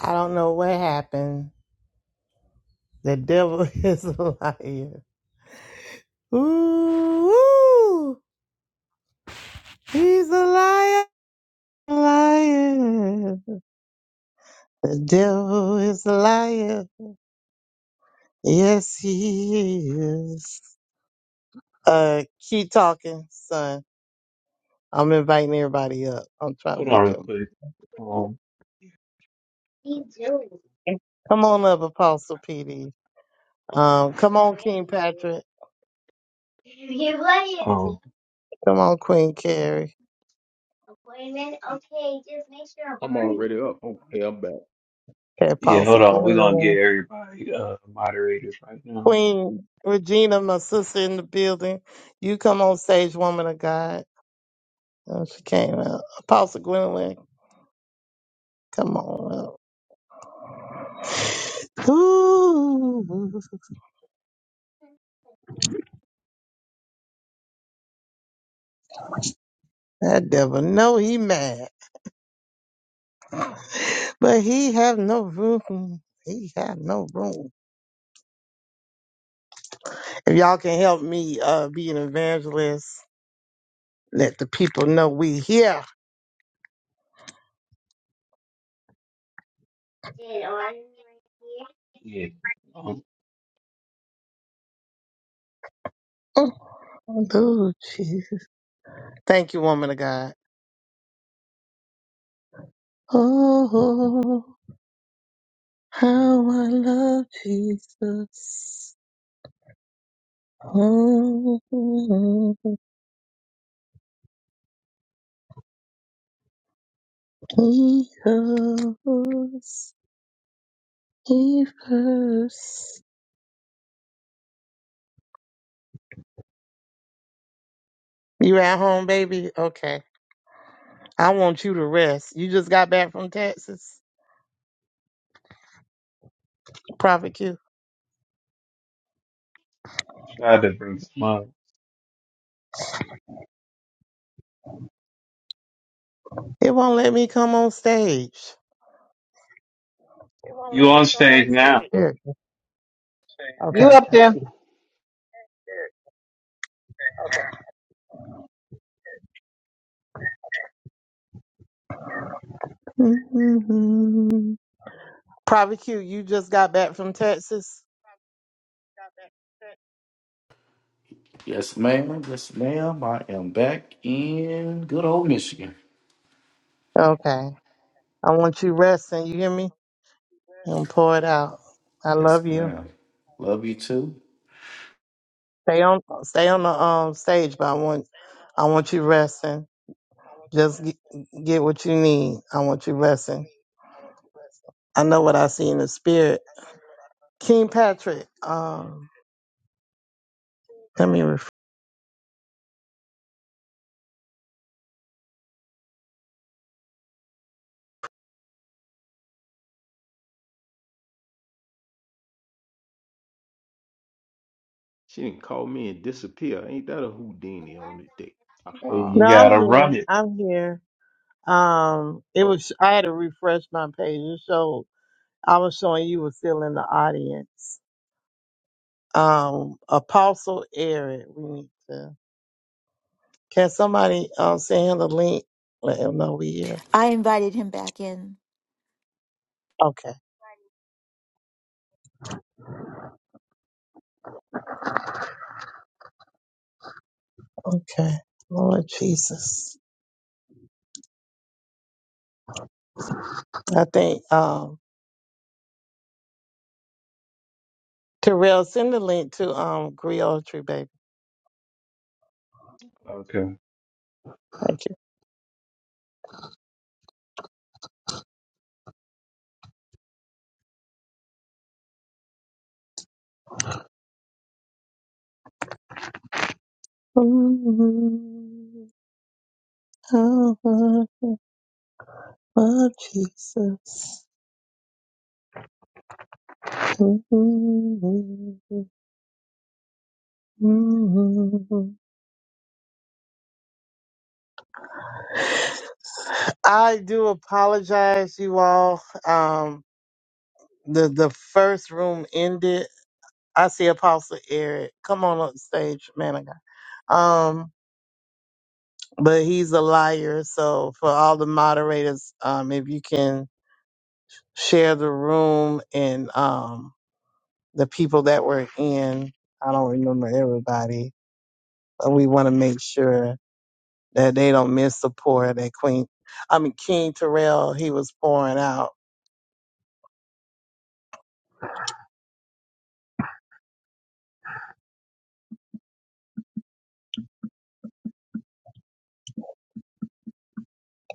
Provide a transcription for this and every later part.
I don't know what happened. The devil is a liar. Ooh, he's a liar, liar. The devil is a liar. Yes, he is. Uh, keep talking, son. I'm inviting everybody up. I'm trying to Hold on make real you. quick. Um, Come on up, Apostle PD. Um, come on, King Patrick. um, Come on, Queen Carrie. I'm already up. Okay, I'm back. Okay, yeah, Apostle hold on. We're gonna Glenn. get everybody uh moderators right now. Queen Regina, my sister in the building. You come on stage, woman of God. Oh, she came out. Apostle Gwendolyn, come on up. Ooh, that devil know he mad, but he have no room. He have no room. If y'all can help me uh, be an evangelist, let the people know we here. Yeah. Um Oh, Jesus. Thank you, woman of God. Oh. How I love Jesus. Oh, he loves me first. You at home, baby? Okay. I want you to rest. You just got back from Texas, Prophet Q. try to bring some up. It won't let me come on stage. It won't let You me on come on stage now. stage. Here. You Okay. up there. Mhm. Prophet Q, you just got back from Texas? Yes, ma'am. Yes, ma'am. I am back in good old Michigan. Okay. I want you resting. You hear me? and pour it out. I Yes, love you. ma'am. Love you too. Stay on, stay on the um stage, but I want, I want you resting. Just get, get what you need. I want you resting. I know what I see in the spirit. King Patrick, um, let me refresh. She didn't call me and disappear. Ain't that a Houdini on the day? Hey, Aha. No, you I'm gotta here. run it. I'm here. Um, it Oh. was I had to refresh my page, so I was showing you were still in the audience. Um, Apostle Eric, we need to. Can somebody um send him the link? Let him know we here. I invited him back in. Okay. Okay. Lord Jesus. I think um Terrell send the link to um Griotry baby. Okay. Thank you. Mm, how wonderful, Lord Jesus. Mm, mm. I do apologize, you all. Um the the first room ended. I see Apostle Eric. Come on up stage, man of God. Um but he's a liar. So for all the moderators, um, if you can share the room and um, the people that were in, I don't remember everybody, but we want to make sure that they don't miss the pour that Queen, I mean King Terrell, he was pouring out.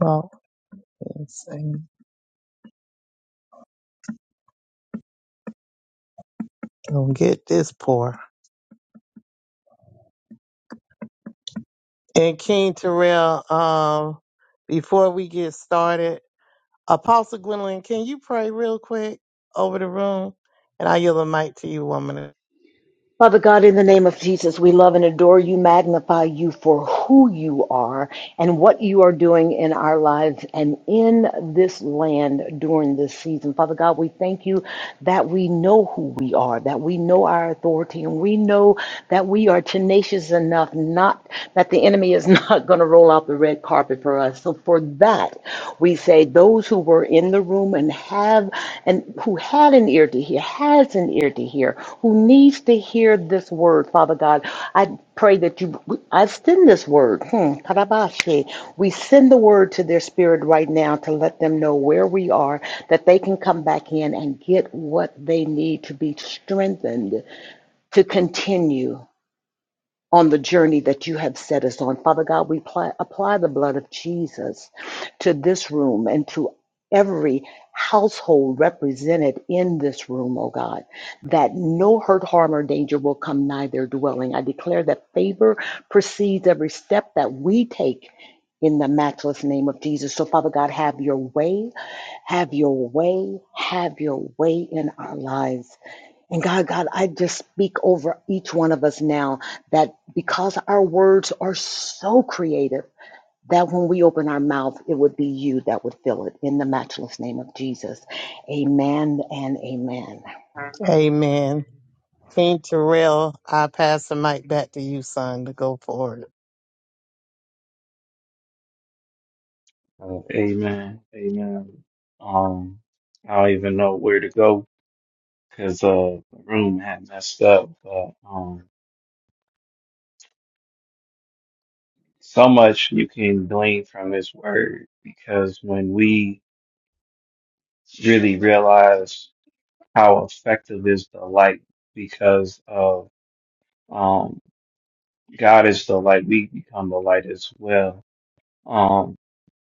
Oh, let's see. Don't get this pour. And King Terrell, um, before we get started. Apostle Gwendolyn, can you pray real quick over the room? And I yield the mic to you, woman. Amen. King Terrell, I pass the mic back to you, son, to go forward. Uh, amen. Amen. Um I don't even know where to go because uh the room had messed up, but um so much you can glean from this word because when we really realize how effective is the light because of um God is the light. We become the light as well. Um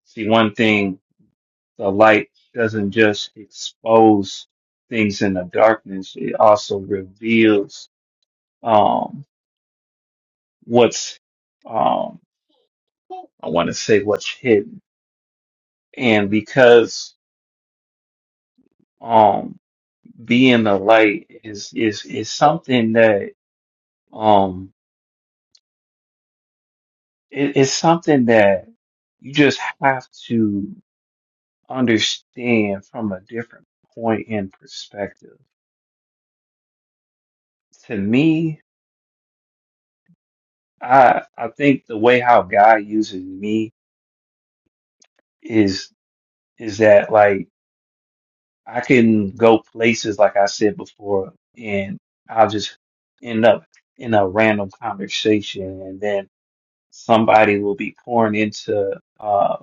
see one thing the light doesn't just expose things in the darkness, it also reveals um what's um I wanna say what's hidden. And because um being the light is is is something that um, It, it's something that you just have to understand from a different point and perspective. To me, I I think the way how God uses me is is that like I can go places like I said before, and I'll just end up in a random conversation, and then somebody will be pouring into uh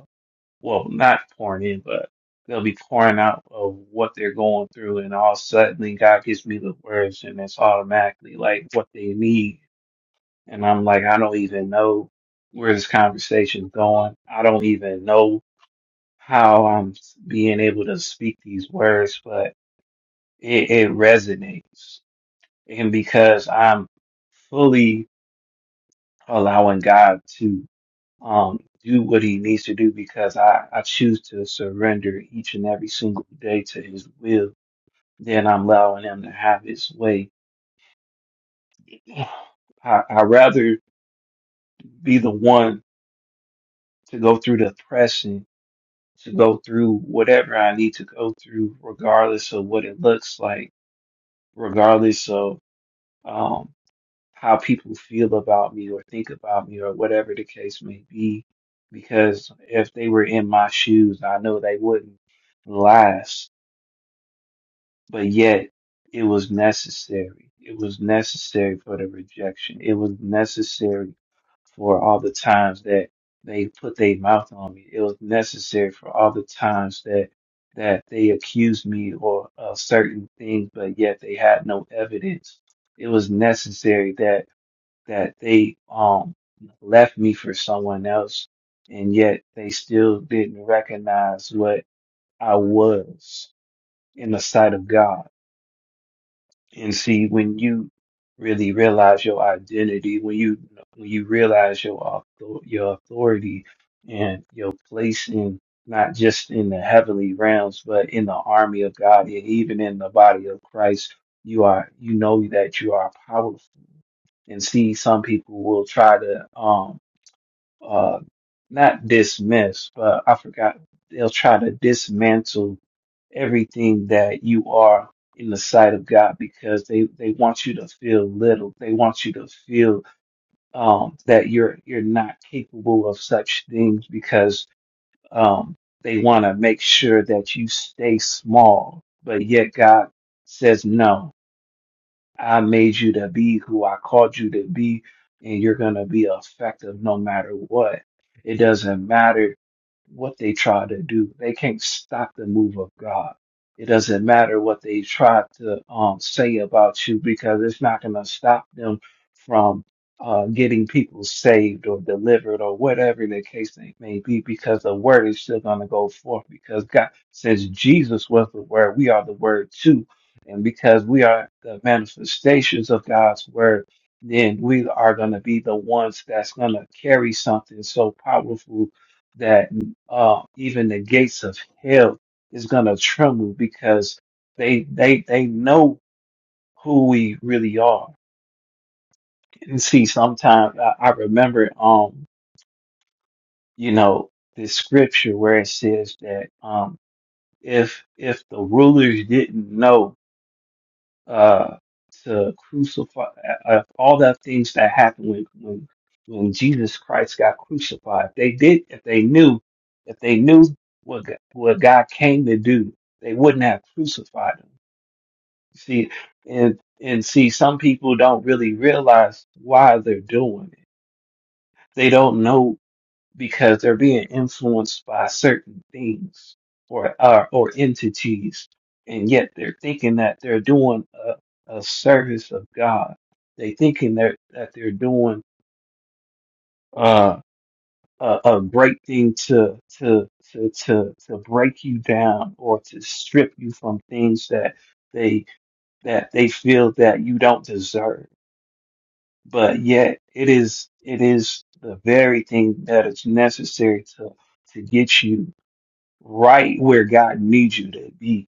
well, not pouring in, but they'll be pouring out of what they're going through, and all of a sudden God gives me the words, and it's automatically like what they need, and I'm like, I don't even know where this conversation's going. I don't even know how I'm being able to speak these words, but it, it resonates, and because I'm fully allowing God to. um, do what he needs to do because I, I choose to surrender each and every single day to his will, then I'm allowing him to have his way. I, I'd rather be the one to go through the pressing, to go through whatever I need to go through, regardless of what it looks like, regardless of um, how people feel about me or think about me or whatever the case may be. Because if they were in my shoes, I know they wouldn't last but yet it was necessary. It was necessary for the rejection. It was necessary for all the times that they put their mouth on me. It was necessary for all the times that that they accused me or of certain things, but yet they had no evidence. It was necessary that that they um left me for someone else, and yet they still didn't recognize what I was in the sight of God and see, when you really realize your identity, when you when you realize your author- your authority and your place in not just in the heavenly realms, but in the army of God and even in the body of Christ, you are you know that you are powerful. And see, some people will try to um uh, not dismiss, but I forgot. They'll try to dismantle everything that you are in the sight of God because they, they want you to feel little. They want you to feel um, that you're you're not capable of such things because um, they want to make sure that you stay small. But yet God says no I made you to be who I called you to be, and you're going to be effective no matter what. It doesn't matter what they try to do. They can't stop the move of God. It doesn't matter what they try to um, say about you because it's not going to stop them from uh, getting people saved or delivered or whatever the case may may be because the word is still going to go forth because God, since Jesus was the word, we are the word too and because we are the manifestations of God's word, then we are going to be the ones that's going to carry something so powerful that uh, even the gates of hell is going to tremble because they they they know who we really are. And see, sometimes I, I remember, um, you know, this scripture where it says that um, if if the rulers didn't know uh, to crucify uh, all the things that happened when, when when Jesus Christ got crucified. If they did, if they knew, if they knew what G- what God came to do, they wouldn't have crucified him. See, and and see, some people don't really realize why they're doing it. They don't know because they're being influenced by certain things or or, or entities, and yet they're thinking that they're doing a, a service of God. They thinking that that they're doing uh, a, a great thing to to to to to break you down or to strip you from things that they that they feel that you don't deserve. But yet it is it is the very thing that is necessary to to get you right where God needs you to be.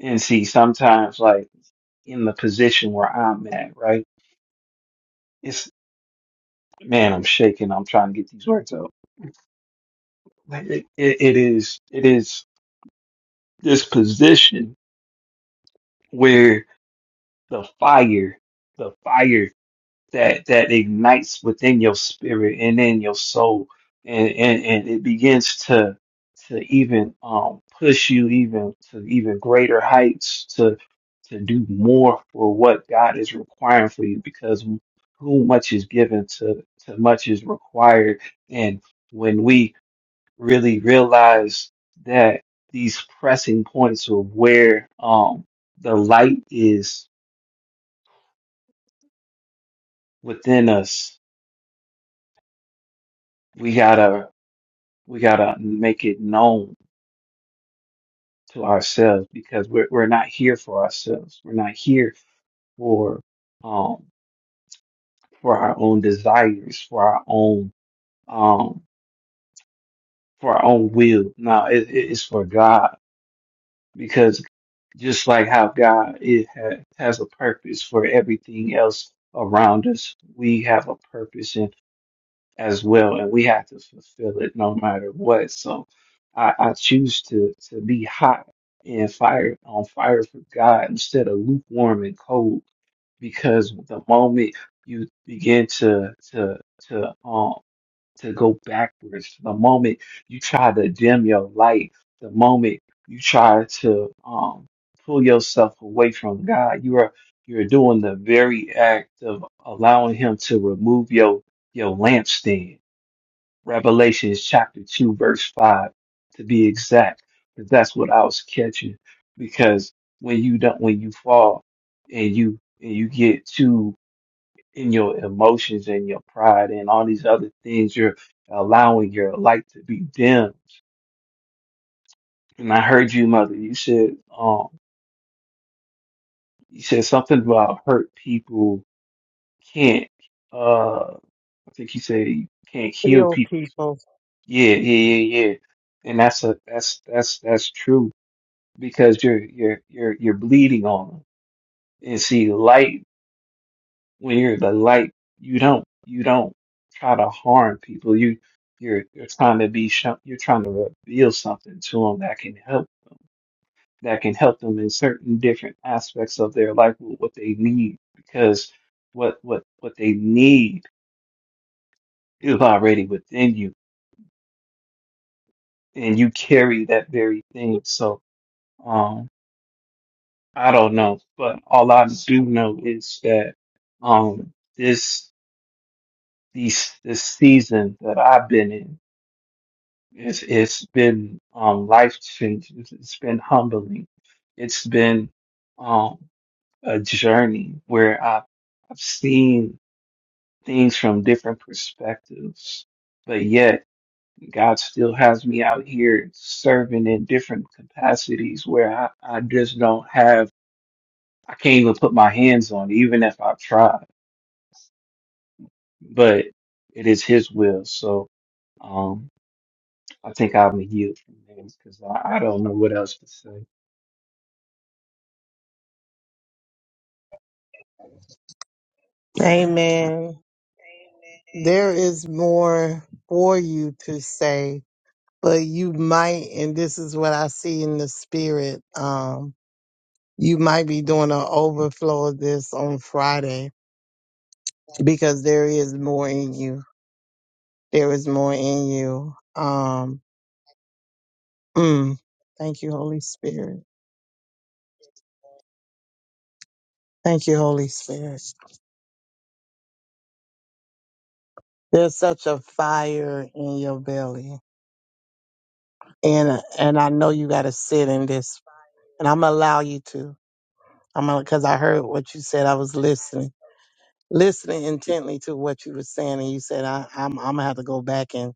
And see, sometimes like in the position where I'm at, right? It's man, I'm shaking. I'm trying to get these words out. Like, It, it, it is, it is this position where the fire, the fire. that that ignites within your spirit and in your soul and and, and it begins to to even um push you even to even greater heights to to do more for what God is requiring for you because who much is given to to much is required and when we really realize that these pressing points of where um the light is within us we gotta. we gotta make it known to ourselves because we're we're not here for ourselves. We're not here for um for our own desires, for our own um for our own will. No, it, it's for God because just like how God it ha, has a purpose for everything else around us, we have a purpose and. as well, and we have to fulfill it no matter what. So I, I choose to to be hot and fire on fire for God instead of lukewarm and cold, because the moment you begin to to to um to go backwards, the moment you try to dim your light, the moment you try to um pull yourself away from God, you are you're doing the very act of allowing Him to remove your your lampstand Revelations chapter 2, verse 5, to be exact, because that's what I was catching. Because when you don't, when you fall and you, and you get too in your emotions and your pride and all these other things, you're allowing your light to be dimmed. And I heard you, mother, you said, um, you said something about hurt people can't, uh, I think you said you can't heal Heal people. people. Yeah, yeah, yeah, yeah. And that's a, that's, that's, that's true because you're you're you're you're bleeding on them. And see, light when you're the light, you don't you don't try to harm people. You you're you're trying to be sho- you're trying to reveal something to them that can help that can help them in certain different aspects of their life with what they need because what what what they need is already within you and you carry that very thing. So um I don't know, but all I do know is that um this these this season that I've been in. It's it's been um life changing. It's been humbling. It's been um a journey where I've I've seen things from different perspectives, but yet God still has me out here serving in different capacities where I, I just don't have I can't even put my hands on it, even if I try. But it is his will. So um, I think I'm a yield from there because I, I don't know what else to say. Amen. There is more for you to say, but you might, and this is what I see in the spirit, um, you might be doing an overflow of this on Friday because there is more in you. There is more in you. Um, Mm. Thank you, Holy Spirit. Thank you, Holy Spirit. There's such a fire in your belly, and and I know you got to sit in this, and I'm gonna allow you to. I'm gonna because I heard what you said. I was listening, listening intently to what you were saying, and you said I, I'm I'm gonna have to go back in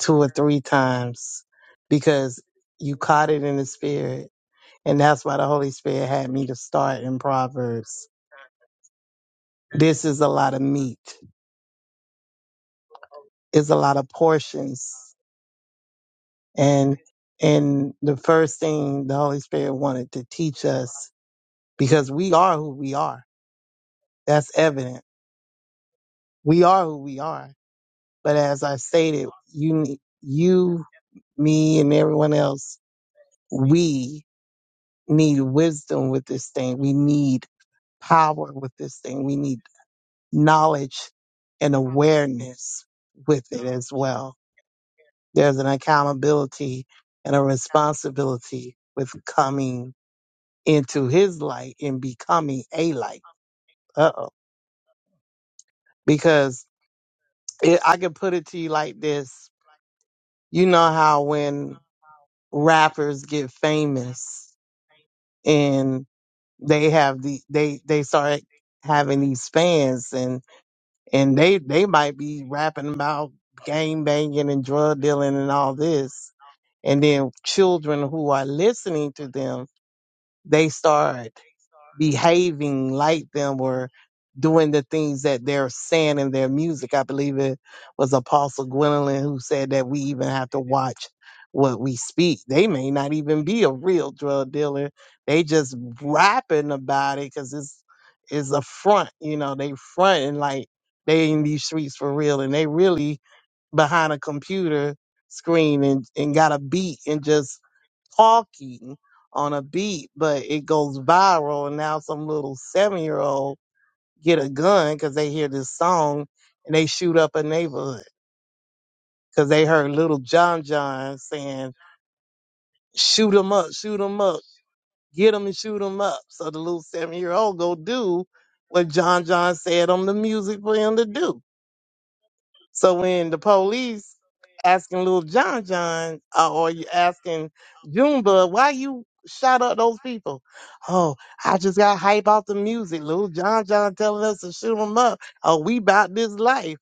two or three times because you caught it in the spirit, and that's why the Holy Spirit had me to start in Proverbs. This is a lot of meat. It's a lot of portions And and the first thing the Holy Spirit wanted to teach us, because we are who we are. That's evident. We are who we are. But as I stated, you ne- you, me, and everyone else, we need wisdom with this thing. We need power with this thing. We need knowledge and awareness with it as well. There's an accountability and a responsibility with coming into his light and becoming a light. Uh oh. Because it, I can put it to you like this you know how when rappers get famous and they have the they they start having these fans and and they they might be rapping about gang banging and drug dealing and all this and then children who are listening to them they start behaving like them or doing the things that they're saying in their music. I believe it was Apostle Gwendolyn who said that we even have to watch what we speak. They may not even be a real drug dealer. They just rapping about it because it's it's a front, you know, they fronting like they in these streets for real and they really behind a computer screen and, and got a beat and just talking on a beat, but it goes viral. And now some little seven year old get a gun because they hear this song and they shoot up a neighborhood because they heard little John John saying, shoot 'em up, shoot 'em up, get 'em and shoot 'em up. So the little seven year old go do what John John said on the music for him to do. So when the police asking little John John uh, or you asking Junebug, why you shot up those people? Oh, I just got hype off the music. Little John John telling us to shoot him up. Oh, we about this life.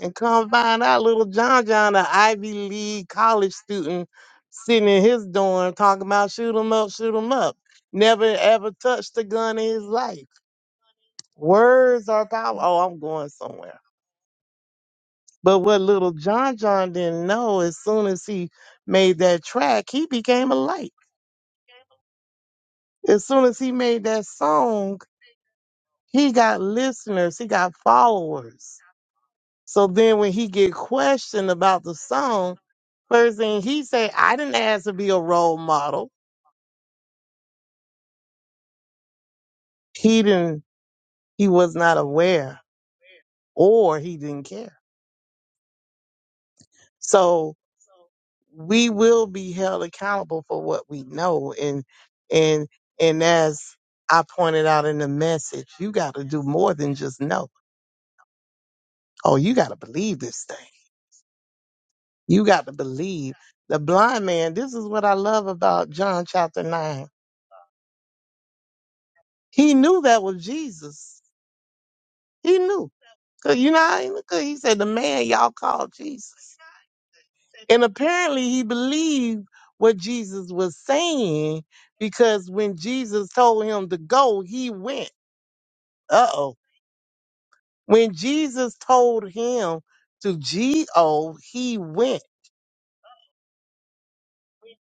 And come find out little John John, an Ivy League college student, sitting in his dorm talking about shoot him up, shoot him up. Never ever touched a gun in his life. Words are power. Oh, I'm going somewhere. But what little John John didn't know, as soon as he made that track, he became a light. As soon as he made that song, he got listeners, he got followers. So then when he get questioned about the song, first thing he say, I didn't ask to be a role model. He didn't he was not aware or he didn't care. So we will be held accountable for what we know and and and as I pointed out in the message, you got to do more than just know. Oh, you got to believe this thing. You got to believe. The blind man, this is what I love about John chapter 9. He knew that was Jesus. He knew. Cause you know, how he 'cause he said, the man y'all called Jesus. And apparently he believed what Jesus was saying because when Jesus told him to go, he went. Uh oh. When Jesus told him to G O, he went.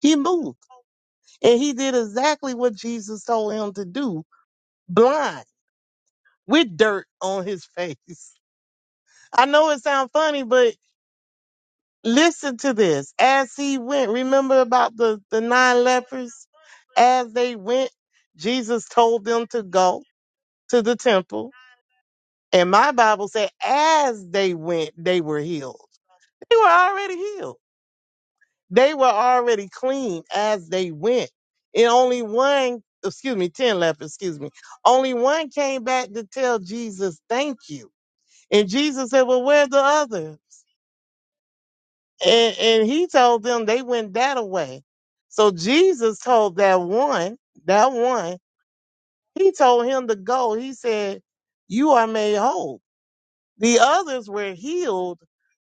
He moved. And he did exactly what Jesus told him to do, blind, with dirt on his face. I know it sounds funny, but listen to this. As he went, remember about the, the nine lepers? As they went, Jesus told them to go to the temple. And my Bible said, as they went, they were healed. They were already healed. They were already clean as they went. And only one, excuse me, 10 lepers, excuse me, only one came back to tell Jesus, thank you. And Jesus said, well, where's the other? And, and he told them they went that away. So Jesus told that one, that one, he told him to go. He said, you are made whole The others were healed,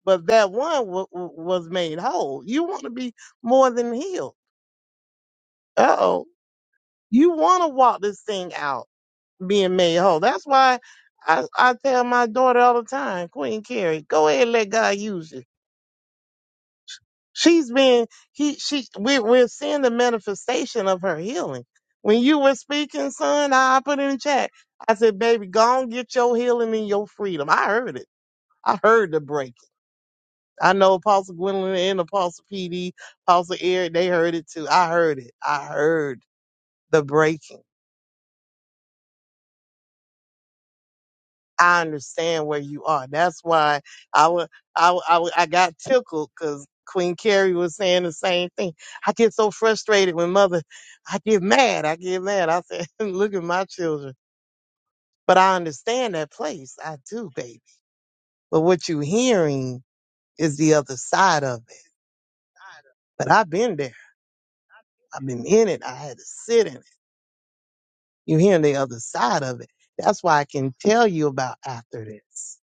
but that one w- w- was made whole. You want to be more than healed. Uh oh. You want to walk this thing out being made whole. That's why I, I tell my daughter all the time, Queen Carrie, go ahead and let God use you. She's been, he, she, we, we're seeing the manifestation of her healing. When you were speaking, son, I, I put it in chat. I said, baby, go on, get your healing and your freedom. I heard it. I heard the breakthrough. I know Apostle Gwendolyn and Apostle PD, Apostle Eric, they heard it too. I heard it. I heard the breaking. I understand where you are. That's why I wa- I wa- I wa- I got tickled because Queen Carrie was saying the same thing. I get so frustrated when mother, I get mad. I get mad. I said, look at my children. But I understand that place. I do, baby. But what you're hearing is the other side of it. But I've been there. I've been in it. I had to sit in it. You're hearing the other side of it. That's why I can tell you about after this.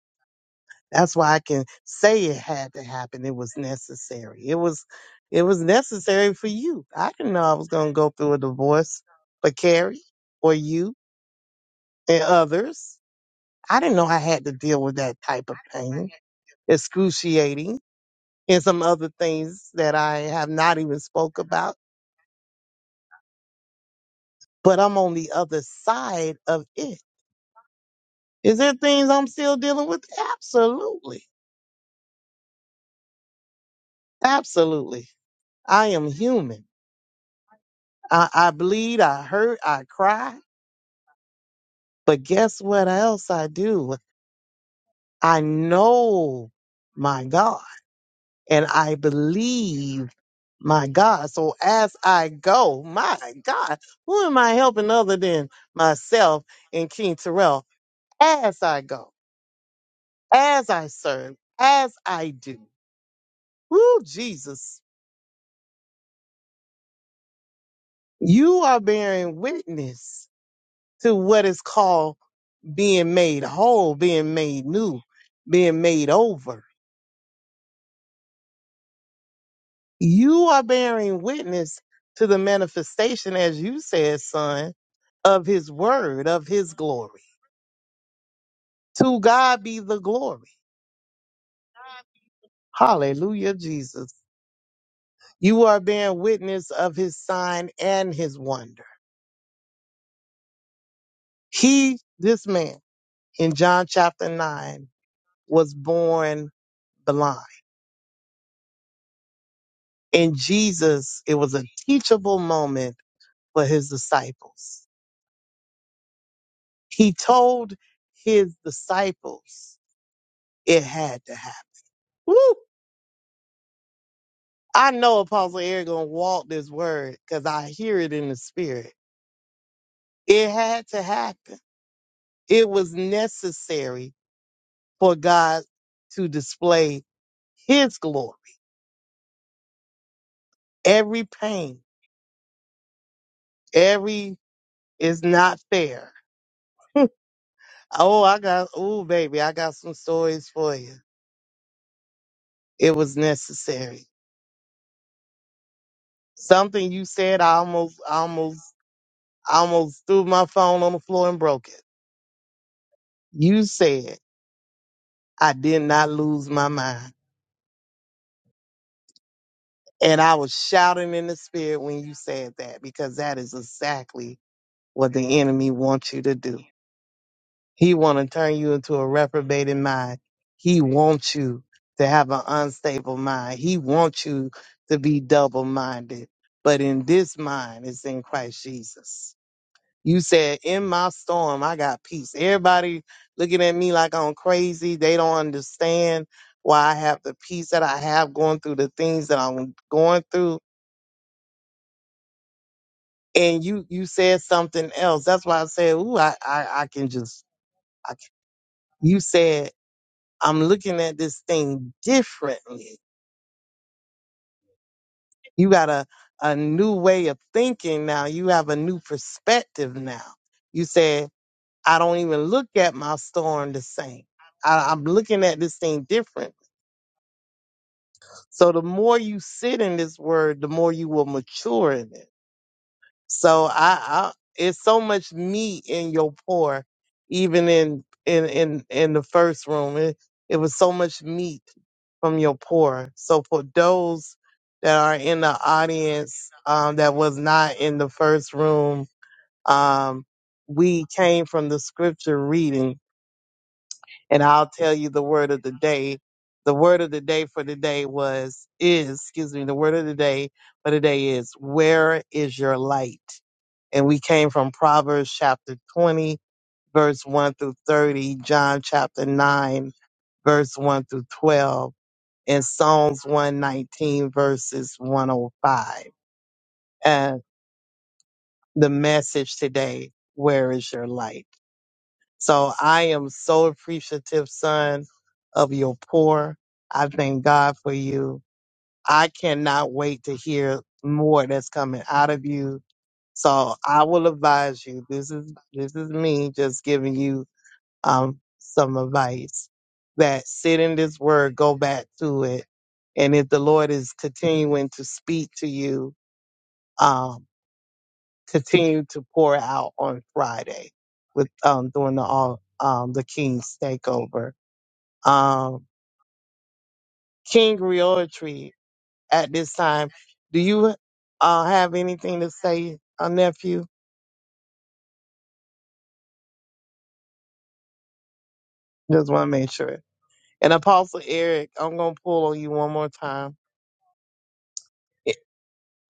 That's why I can say it had to happen. It was necessary. It was it was necessary for you. I didn't know I was gonna go through a divorce for Carrie or you and others. I didn't know I had to deal with that type of pain. Excruciating and some other things that I have not even spoke about. But I'm on the other side of it. Is there things I'm still dealing with? Absolutely. Absolutely. I am human. I, I bleed, I hurt, I cry. But guess what else I do? I know my God and I believe my God. So as I go, my God, who am I helping other than myself and King Terrell? As I go, as I serve, as I do. Woo, Jesus, you are bearing witness to what is called being made whole, being made new, being made over. You are bearing witness to the manifestation, as you said, son, of his word, of his glory. To God be the glory. Hallelujah, Jesus. You are bearing witness of his sign and his wonder. He, this man, in John chapter 9, was born blind. In Jesus, it was a teachable moment for his disciples He told his disciples it had to happen. Woo! I know Apostle Eric gonna walk this word because I hear it in the spirit. It had to happen. It was necessary for God to display his glory. Every pain, every is not fair. Oh, I got, oh, baby, I got some stories for you. It was necessary. Something you said, I almost, I almost I almost threw my phone on the floor and broke it. You said I did not lose my mind. And I was shouting in the spirit when you said that because that is exactly what the enemy wants you to do. He want to turn you into a reprobated mind. He wants you to have an unstable mind. He wants you to be double minded. But in this mind is in Christ Jesus. You said, in my storm, I got peace. Everybody looking at me like I'm crazy. They don't understand why I have the peace that I have going through the things that I'm going through. And you, you said something else. That's why I said, ooh, I, I, I can just, I can. you said, I'm looking at this thing differently. You got a, a new way of thinking now. You have a new perspective now. You said, I don't even look at my storm the same. I, I'm looking at this thing different. So the more you sit in this word, the more you will mature in it. So I, I it's so much meat in your pour, even in in in in the first room. It it was so much meat from your pour. So for those that are in the audience um, that was not in the first room, um, we came from the scripture reading and I'll tell you the word of the day. The word of the day for today was is, excuse me, the word of the day for today is where is your light? And we came from Proverbs chapter 20 verse 1 through 30, John chapter 9 verse 1 through 12, and Psalms 119 verses 105. And the message today, where is your light? So I am so appreciative, son, of your pour. I thank God for you. I cannot wait to hear more that's coming out of you. So I will advise you. This is this is me just giving you um some advice that sit in this word, go back to it, and if the Lord is continuing to speak to you, um, continue to pour out on Friday with um during the all um the King's takeover. Um King Realtree at this time, do you uh have anything to say, uh, nephew? Just wanna make sure. And Apostle Eric, I'm gonna pull on you one more time.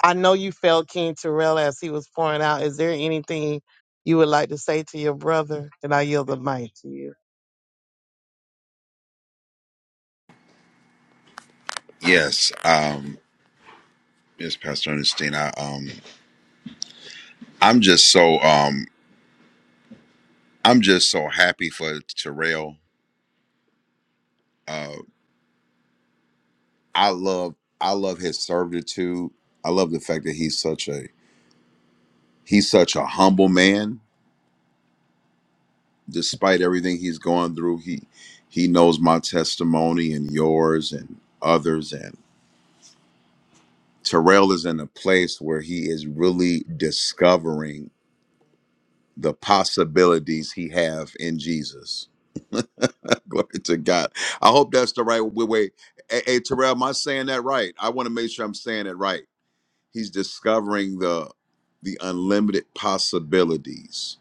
I know you felt King Terrell as he was pouring out. Is there anything you would like to say to your brother? And I yield the mic to you. Yes, uh, yes, Pastor Ernestine. I, um, I'm just so um, I'm just so happy for Terrell. Uh, I love I love his servitude. I love the fact that he's such a he's such a humble man. Despite everything he's going through, he he knows my testimony and yours and others. And Terrell is in a place where he is really discovering. the possibilities he have in Jesus. Glory to God. I hope that's the right way. way. Hey, hey, Terrell, am I saying that right? I want to make sure I'm saying it right. He's discovering the the unlimited possibilities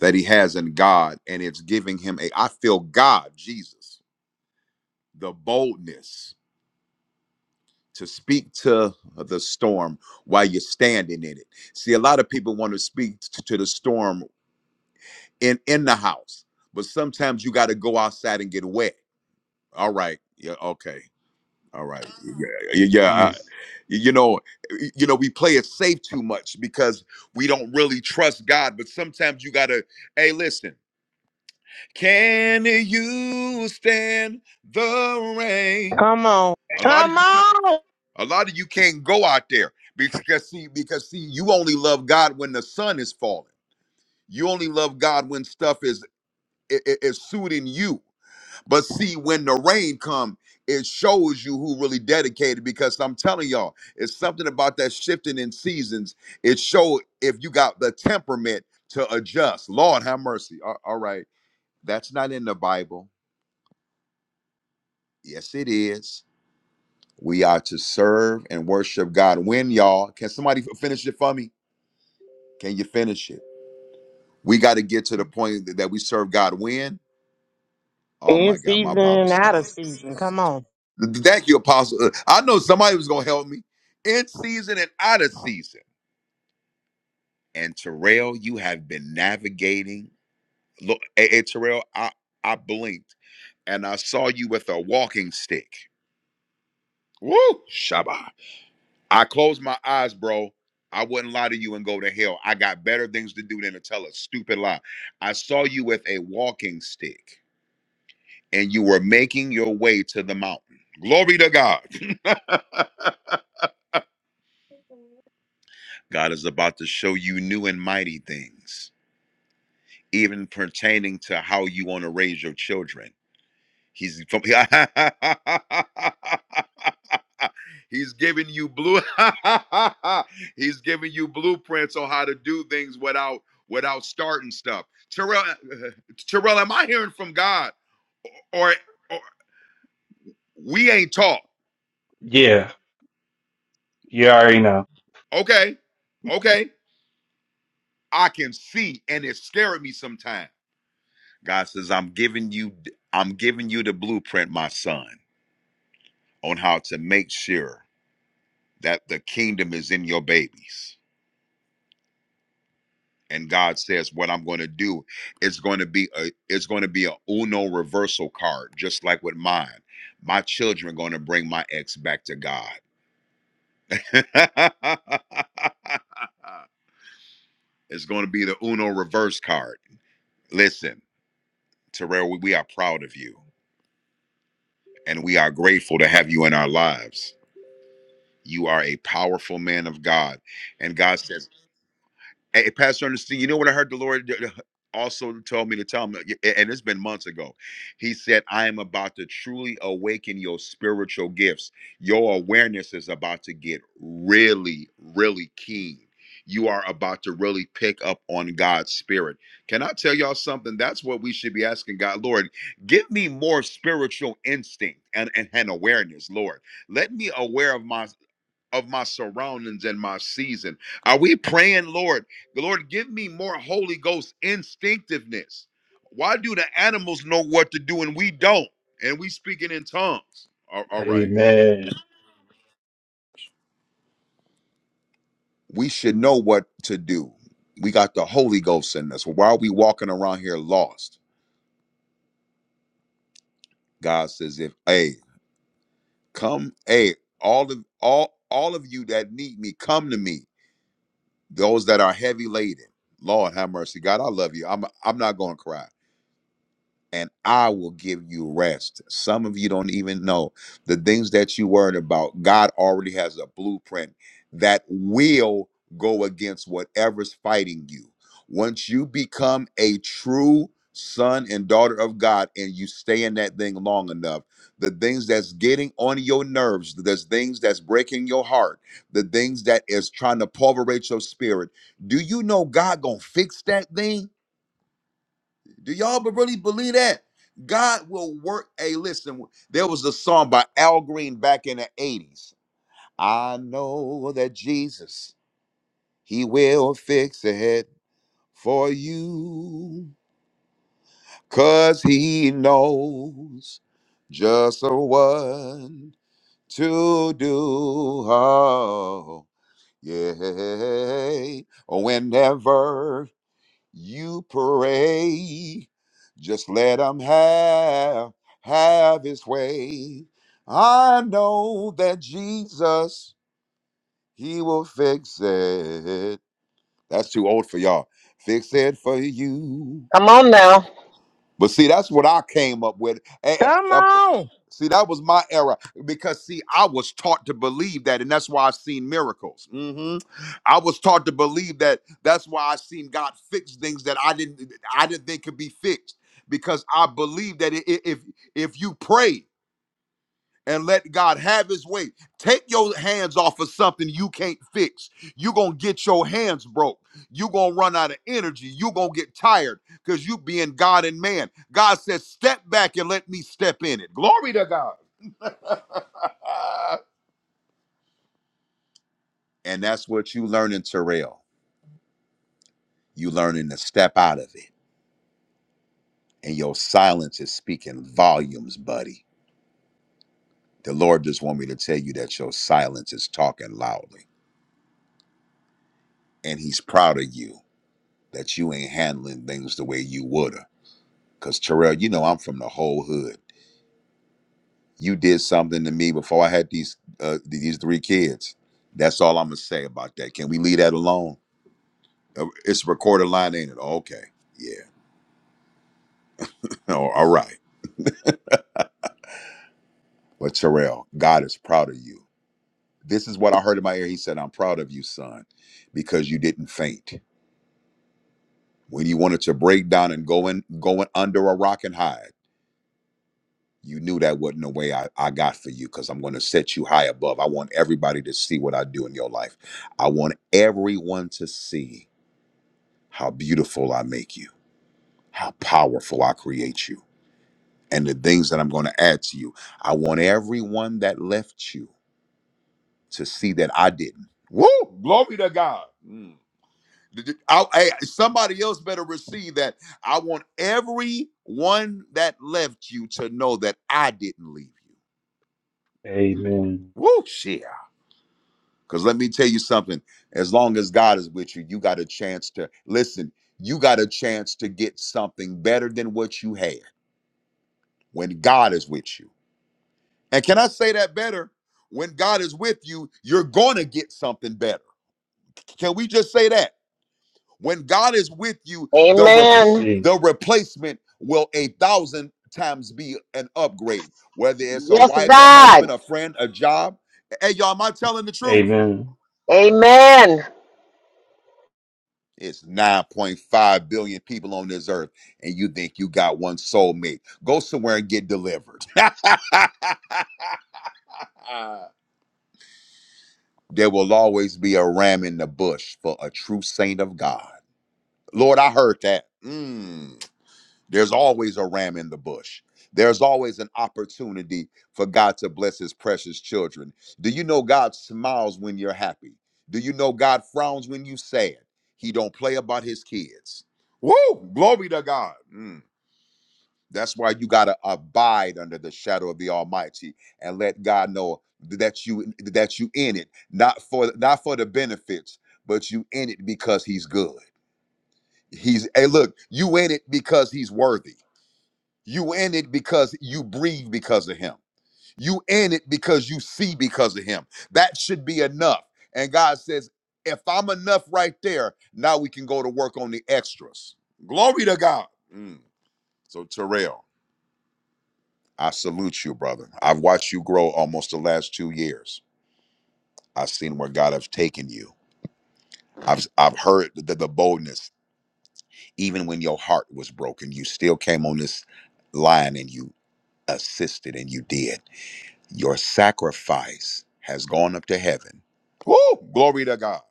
that he has in God, and it's giving him a I feel God, Jesus, the boldness to speak to the storm while you're standing in it. See, a lot of people want to speak t- to the storm in in the house. But sometimes you got to go outside and get wet. All right. Yeah. Okay. All right. Yeah. Yeah. yeah, I, you know. You know. We play it safe too much because we don't really trust God. But sometimes you gotta. Hey, listen. Can you stand the rain? Come on. A lot of Come you. on. A lot of you can't go out there because see because see you only love God when the sun is falling. You only love God when stuff is i- i- is suiting you But see, when the rain come, it shows you who really dedicated. Because I'm telling y'all, it's something about that shifting in seasons. It show if you got the temperament to adjust. Lord have mercy. A- all right, that's not in the Bible. Yes, it is. We are to serve and worship God. When y'all, can somebody f- finish it for me? Can you finish it? We got to get to the point that that we serve God. When? Oh In my God, my season Bible and out of scholar. season. Come on. Thank you, Apostle. Uh, I know somebody was going to help me in season and out of season. And Terrell, you have been navigating. Look, hey, hey, Terrell, I, I blinked and I saw you with a walking stick. Woo, Shabbat. I closed my eyes, bro. I wouldn't lie to you and go to hell. I got better things to do than to tell a stupid lie. I saw you with a walking stick and you were making your way to the mountain. Glory to God. God is about to show you new and mighty things, even pertaining to how you want to raise your children. He's from, He's giving you blue He's giving you blueprints on how to do things without without starting stuff. Terrell Terrell, am I hearing from God or, or we ain't talk? Yeah, you already know. Okay. Okay. I can see and it scared me sometimes. God says, "I'm giving you, I'm giving you the blueprint, my son, on how to make sure that the kingdom is in your babies." And God says, "What I'm going to do is going to be a, it's going to be a Uno reversal card, just like with mine. My children are going to bring my ex back to God. it's going to be the Uno reverse card. Listen, Terrell, we we are proud of you, and we are grateful to have you in our lives." You are a powerful man of God. And God says, Hey, Pastor Ernestine, you know what I heard the Lord also told me to tell him, and it's been months ago. He said, I am about to truly awaken your spiritual gifts. Your awareness is about to get really, really keen. You are about to really pick up on God's spirit. Can I tell y'all something? That's what we should be asking God, Lord. Give me more spiritual instinct and, and, and awareness, Lord. Let me aware of my of my surroundings and my season. Are we praying, Lord? Lord, give me more Holy Ghost instinctiveness. Why do the animals know what to do and we don't? And we speaking in tongues. All all right. Amen. We should know what to do. We got the Holy Ghost in us. Why are we walking around here lost? God says, if hey, come, hey, all of all all of you that need me, come to me. Those that are heavy laden. Lord have mercy. God, I love you. I'm I'm not gonna cry. and I will give you rest. Some of you don't even know the things that you worried about. God already has a blueprint that will go against whatever's fighting you. Once you become a true son and daughter of God and you stay in that thing long enough, the things that's getting on your nerves, the things that's breaking your heart, the things that is trying to pulverate your spirit, do you know God gonna fix that thing? Do y'all be- really believe that? God will work. Hey, listen, there was a song by Al Green back in the 80s. I know that Jesus, he will fix it for you. Cause he knows just what to do. Oh, yeah. Whenever you pray. Just let him have, have his way. I know that Jesus, he will fix it. That's too old for y'all. Fix it for you. Come on now. But see, that's what I came up with. Eh, eh, Come eh, on. See, that was my era because see, I was taught to believe that, and that's why I've seen miracles. hmm I was taught to believe that. That's why I've seen God fix things that I didn't, I didn't think could be fixed because I believed that i- i- if if you pray and let God have his way. Take your hands off of something you can't fix. You're going to get your hands broke. You're going to run out of energy. You're going to get tired because you being God and man. God says, step back and let me step in it. Glory to God. and that's what you learn in Terrell. You learning to step out of it. And your silence is speaking volumes, buddy. The Lord just want me to tell you that your silence is talking loudly. And he's proud of you that you ain't handling things the way you woulda. Cause Terrell, you know I'm from the whole hood. You did something to me before I had these uh, these three kids. That's all I'm gonna say about that. Can we leave that alone? Uh, It's a recorded line, ain't it? Okay, yeah. Oh, all right. But Terrell, God is proud of you. This is what I heard in my ear. He said, "I'm proud of you, son, because you didn't faint when you wanted to break down and go in, going under a rock and hide." you knew that wasn't the way I, I got for you because I'm going to set you high above. I want everybody to see what I do in your life. I want everyone to see how beautiful I make you, how powerful I create you, and the things that I'm going to add to you. I want everyone that left you to see that I didn't. Woo! Glory to God. Mm. Did- did- I- hey, somebody else better receive that. I want everyone that left you to know that I didn't leave you. Amen. Woo! Shit. Because let me tell you something as long as God is with you, you got a chance to listen, you got a chance to get something better than what you had when God is with you. And can I say that better? When God is with you, you're going to get something better. Can we just say that? When God is with you, the I Amen. rep- receive. the replacement will a thousand times be an upgrade. Whether it's a Yes, wife, a God. husband, a friend, a job. Hey, y'all, am I telling the truth? Amen. Amen. It's 9.5 billion people on this earth, and you think you got one soulmate. Go somewhere and get delivered. there will always be a ram in the bush for a true saint of God. Lord, I heard that. Mm. There's always a ram in the bush. There's always an opportunity for God to bless his precious children. Do you know God smiles when you're happy? Do you know God frowns when you sad? He don't play about his kids. Woo! Glory to God. Mm. That's why you gotta abide under the shadow of the Almighty and let God know that you that you in it, not for not for the benefits, but you in it because He's good. He's hey, look, you in it because He's worthy. You in it because you breathe because of him. You in it because you see because of him. That should be enough. And God says, if I'm enough right there, now we can go to work on the extras. Glory to God. Mm. So, Terrell, I salute you, brother. I've watched you grow almost the last two years. I've seen where God has taken you. I've I've heard the, the boldness. Even when your heart was broken, you still came on this line and you assisted and you did. Your sacrifice has gone up to heaven. Woo! Glory to God.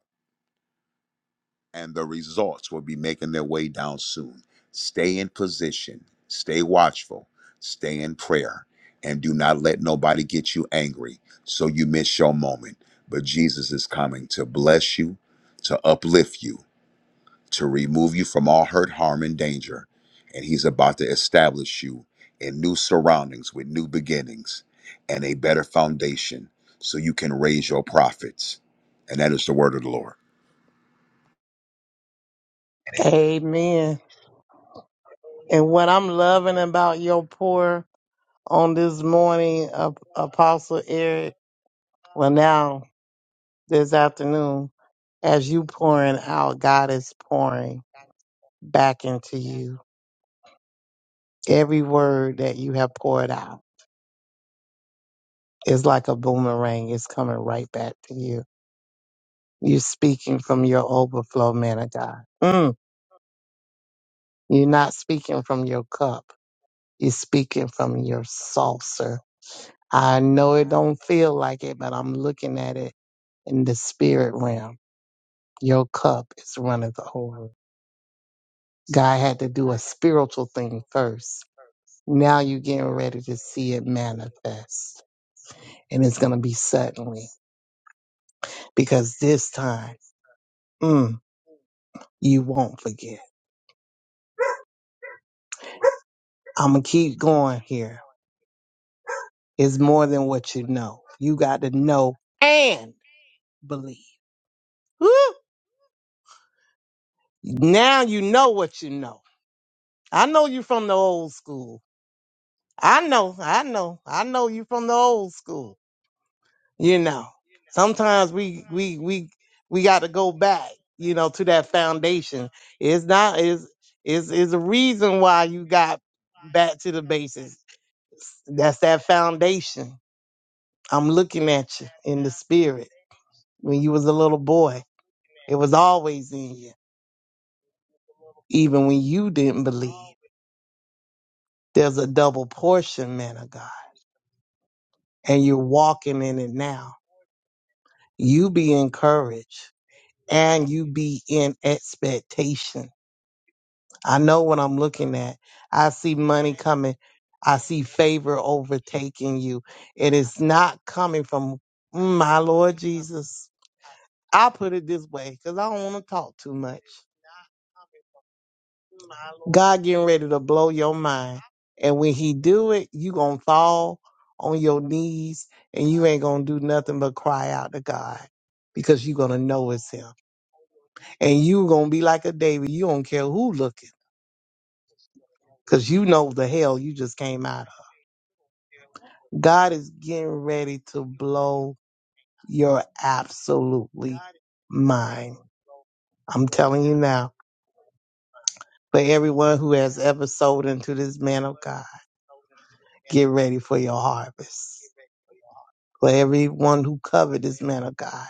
And the results will be making their way down soon. Stay in position, stay watchful, stay in prayer, and do not let nobody get you angry so you miss your moment. But Jesus is coming to bless you, to uplift you, to remove you from all hurt, harm, and danger. And he's about to establish you in new surroundings with new beginnings and a better foundation so you can raise your profits. And that is the word of the Lord. Amen. And what I'm loving about your pour on this morning, Ap- Apostle Eric, well, now this afternoon, as you pouring out, God is pouring back into you. Every word that you have poured out is like a boomerang. It's coming right back to you. You're speaking from your overflow, man of God. Mm. You're not speaking from your cup Is speaking from your saucer. I know it don't feel like it, but I'm looking at it in the spirit realm. Your cup is running over. God had to do a spiritual thing first. Now you're getting ready to see it manifest. And it's going to be suddenly because this time, mm, you won't forget. I'm going to keep going here. It's more than what you know. You got to know and believe. Woo! Now you know what you know I know you from the old school. I know, I know, I know you from the old school. You know, sometimes we we we we got to go back. You know, to that foundation. It's not is is is a reason why you got back to the basics. That's that foundation. I'm looking at you in the spirit. When you was a little boy, it was always in you, even when you didn't believe. There's a double portion, man of God, and you're walking in it now you be encouraged and you be in expectation. I know what I'm looking at. I see money coming. I see favor overtaking you. It is not coming from mm, my Lord Jesus. I'll put it this way because I don't want to talk too much. God getting ready to blow your mind. And when he do it, you gonna fall on your knees and you ain't gonna do nothing but cry out to God because you gonna know it's him. and you gonna be like a David. You don't care who looking, cause you know the hell you just came out of. God is getting ready to blow your absolutely mind. I'm telling you now. For everyone who has ever sold into this man of God, get ready for your harvest. For everyone who covered this man of God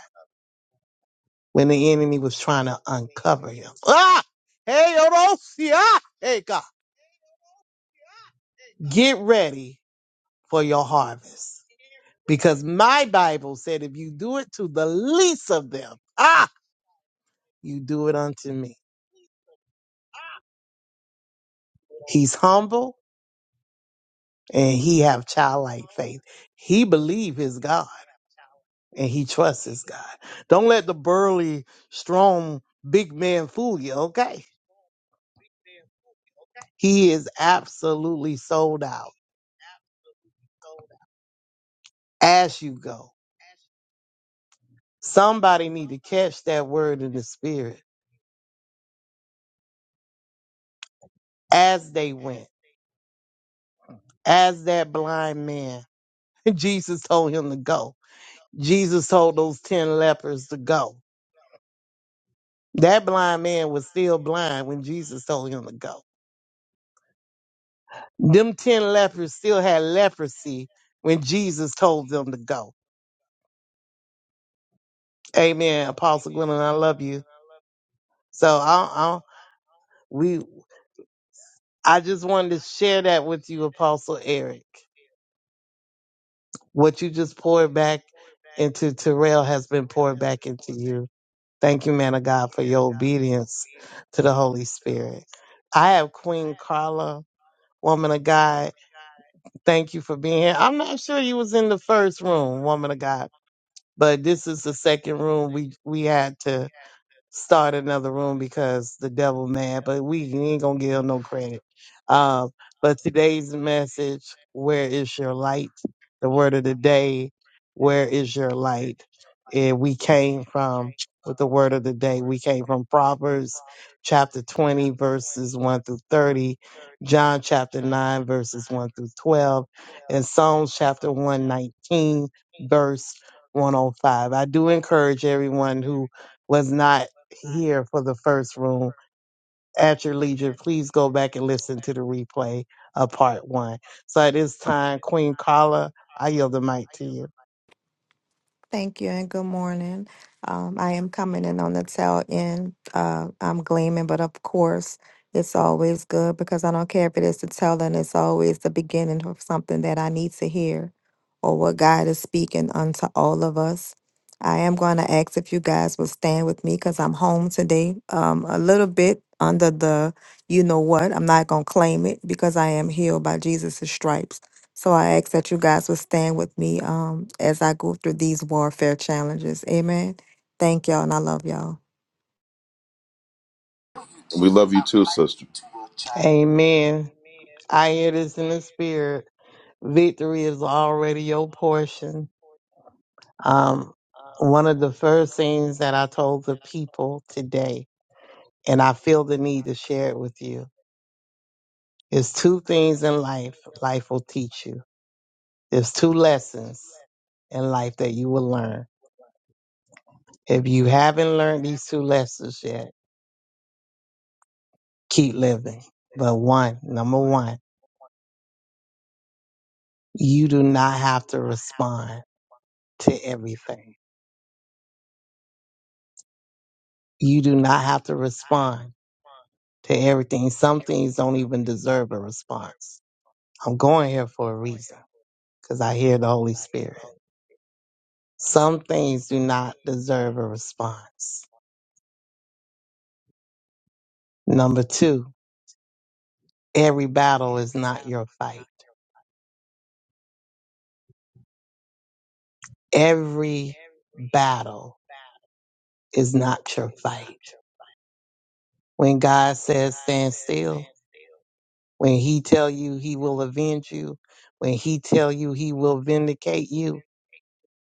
when the enemy was trying to uncover him. Ah! Hey, Orosia! Hey, God. Get ready for your harvest. Because my Bible said, if you do it to the least of them, ah, you do it unto me. He's humble and he have childlike faith. He believe his God and he trusts his God. Don't let the burly, strong, big man fool you, okay? He is absolutely sold out as you go. Somebody need to catch that word in the spirit as they went, as that blind man Jesus told him to go. Jesus told those 10 lepers to go. That blind man was still blind when Jesus told him to go. Them 10 lepers still had leprosy when Jesus told them to go. Amen. Apostle Gwendolyn, I love you. So I, I, we, I just wanted to share that with you, Apostle Eric. What you just poured back into Terrell has been poured back into you. Thank you, man of God, for your obedience to the Holy Spirit. I have Queen Carla, woman of God. Thank you for being here. I'm not sure you was in the first room, woman of God, but this is the second room we we had to start another room because the devil mad, but we ain't gonna give him no credit. Um, but today's message, where is your light? The word of the day, where is your light? And we came from with the word of the day. We came from Proverbs chapter 20, verses 1 through 30, John chapter 9, verses 1 through 12, and Psalms chapter 119, verse 105. I do encourage everyone who was not here for the first room. At your leisure, please go back and listen to the replay of part one. So at this time, Queen Carla, I yield the mic to you. Thank you and good morning. Um, I am coming in on the tail end. Uh, I'm gleaming, but of course, it's always good because I don't care if it is the tail end, it's always the beginning of something that I need to hear or what God is speaking unto all of us. I am going to ask if you guys will stand with me because I'm home today, um, a little bit under the you know what. I'm not going to claim it because I am healed by Jesus' stripes. So I ask that you guys would stand with me um, as I go through these warfare challenges. Amen. Thank y'all, and I love y'all. We love you too, sister. Amen. I hear this in the spirit. Victory is already your portion. Um, one of the first things that I told the people today, and I feel the need to share it with you, is two things in life life will teach you. There's two lessons in life that you will learn. If you haven't learned these two lessons yet, keep living. But one, number one, you do not have to respond to everything. You do not have to respond to everything. Some things don't even deserve a response. I'm going here for a reason because I hear the Holy Spirit. Some things do not deserve a response. Number two, every battle is not your fight. Every battle is not your fight. when God says stand still, when he tell you he will avenge you, when he tell you he will vindicate you,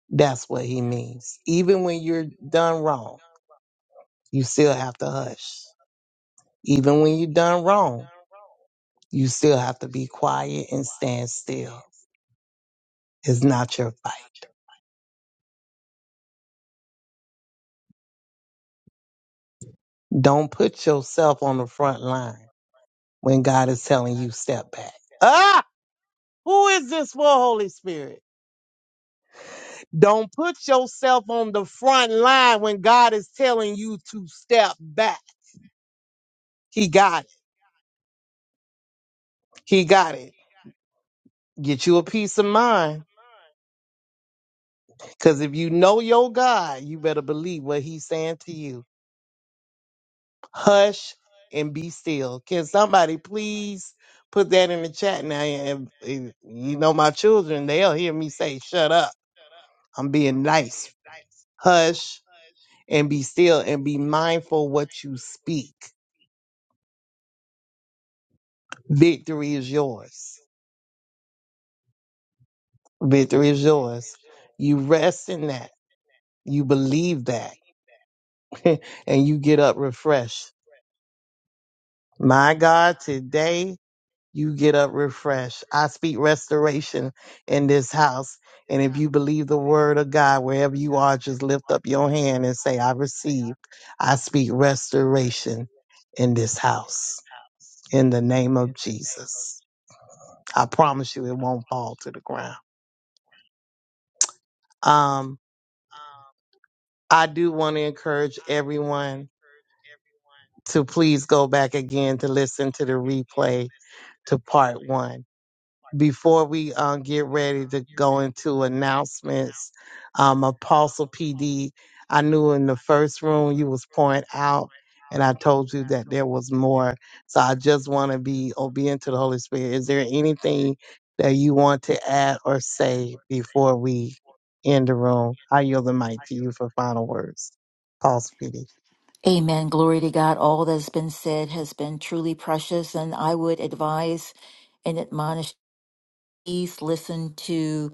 that's what he means. Even when you're done wrong, you still have to hush. Even when you're done wrong, you still have to be quiet and stand still. It's not your fight. Don't put yourself on the front line when God is telling you step back. Ah, who is this for, Holy Spirit? Don't put yourself on the front line when God is telling you to step back. He got it. He got it. Get you a peace of mind. Because if you know your God, you better believe what he's saying to you. Hush and be still. Can somebody please put that in the chat now? And and you know, my children, they'll hear me say, shut up. I'm being nice. Hush and be still and be mindful what you speak. Victory is yours. Victory is yours. You rest in that. You believe that. and you get up refreshed. My God, today you get up refreshed. I speak restoration in this house. And if you believe the word of God, wherever you are, just lift up your hand and say, I receive. I speak restoration in this house in the name of Jesus. I promise you it won't fall to the ground. Um, I do want to encourage everyone. to please go back again to listen to the replay to part one. Before we um, get ready to go into announcements, um, Apostle PD, I knew in the first room you was pouring out, and I told you that there was more. So I just want to be obedient to the Holy Spirit. Is there anything that you want to add or say before we end the room? I yield the mic to you for final words, Apostle PD. Amen. Glory to God. All that's been said has been truly precious, and I would advise and admonish please listen to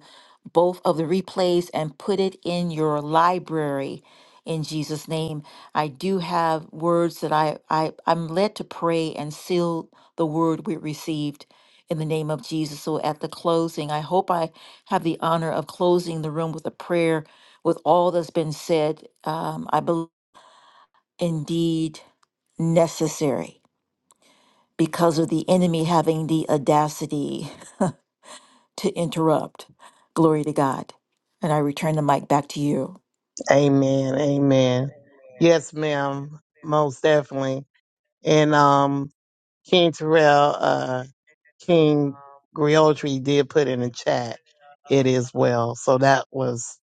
both of the replays and put it in your library in Jesus' name. I do have words that I, I I'm led to pray and seal the word we received in the name of Jesus. So at the closing, I hope I have the honor of closing the room with a prayer with all that's been said. Um, I believe. indeed necessary because of the enemy having the audacity to interrupt. Glory to God. And I return the mic back to you. Amen. Amen. Yes, ma'am. Most definitely. And um, King Terrell, uh, King Griotry did put in the chat, it is well. So that was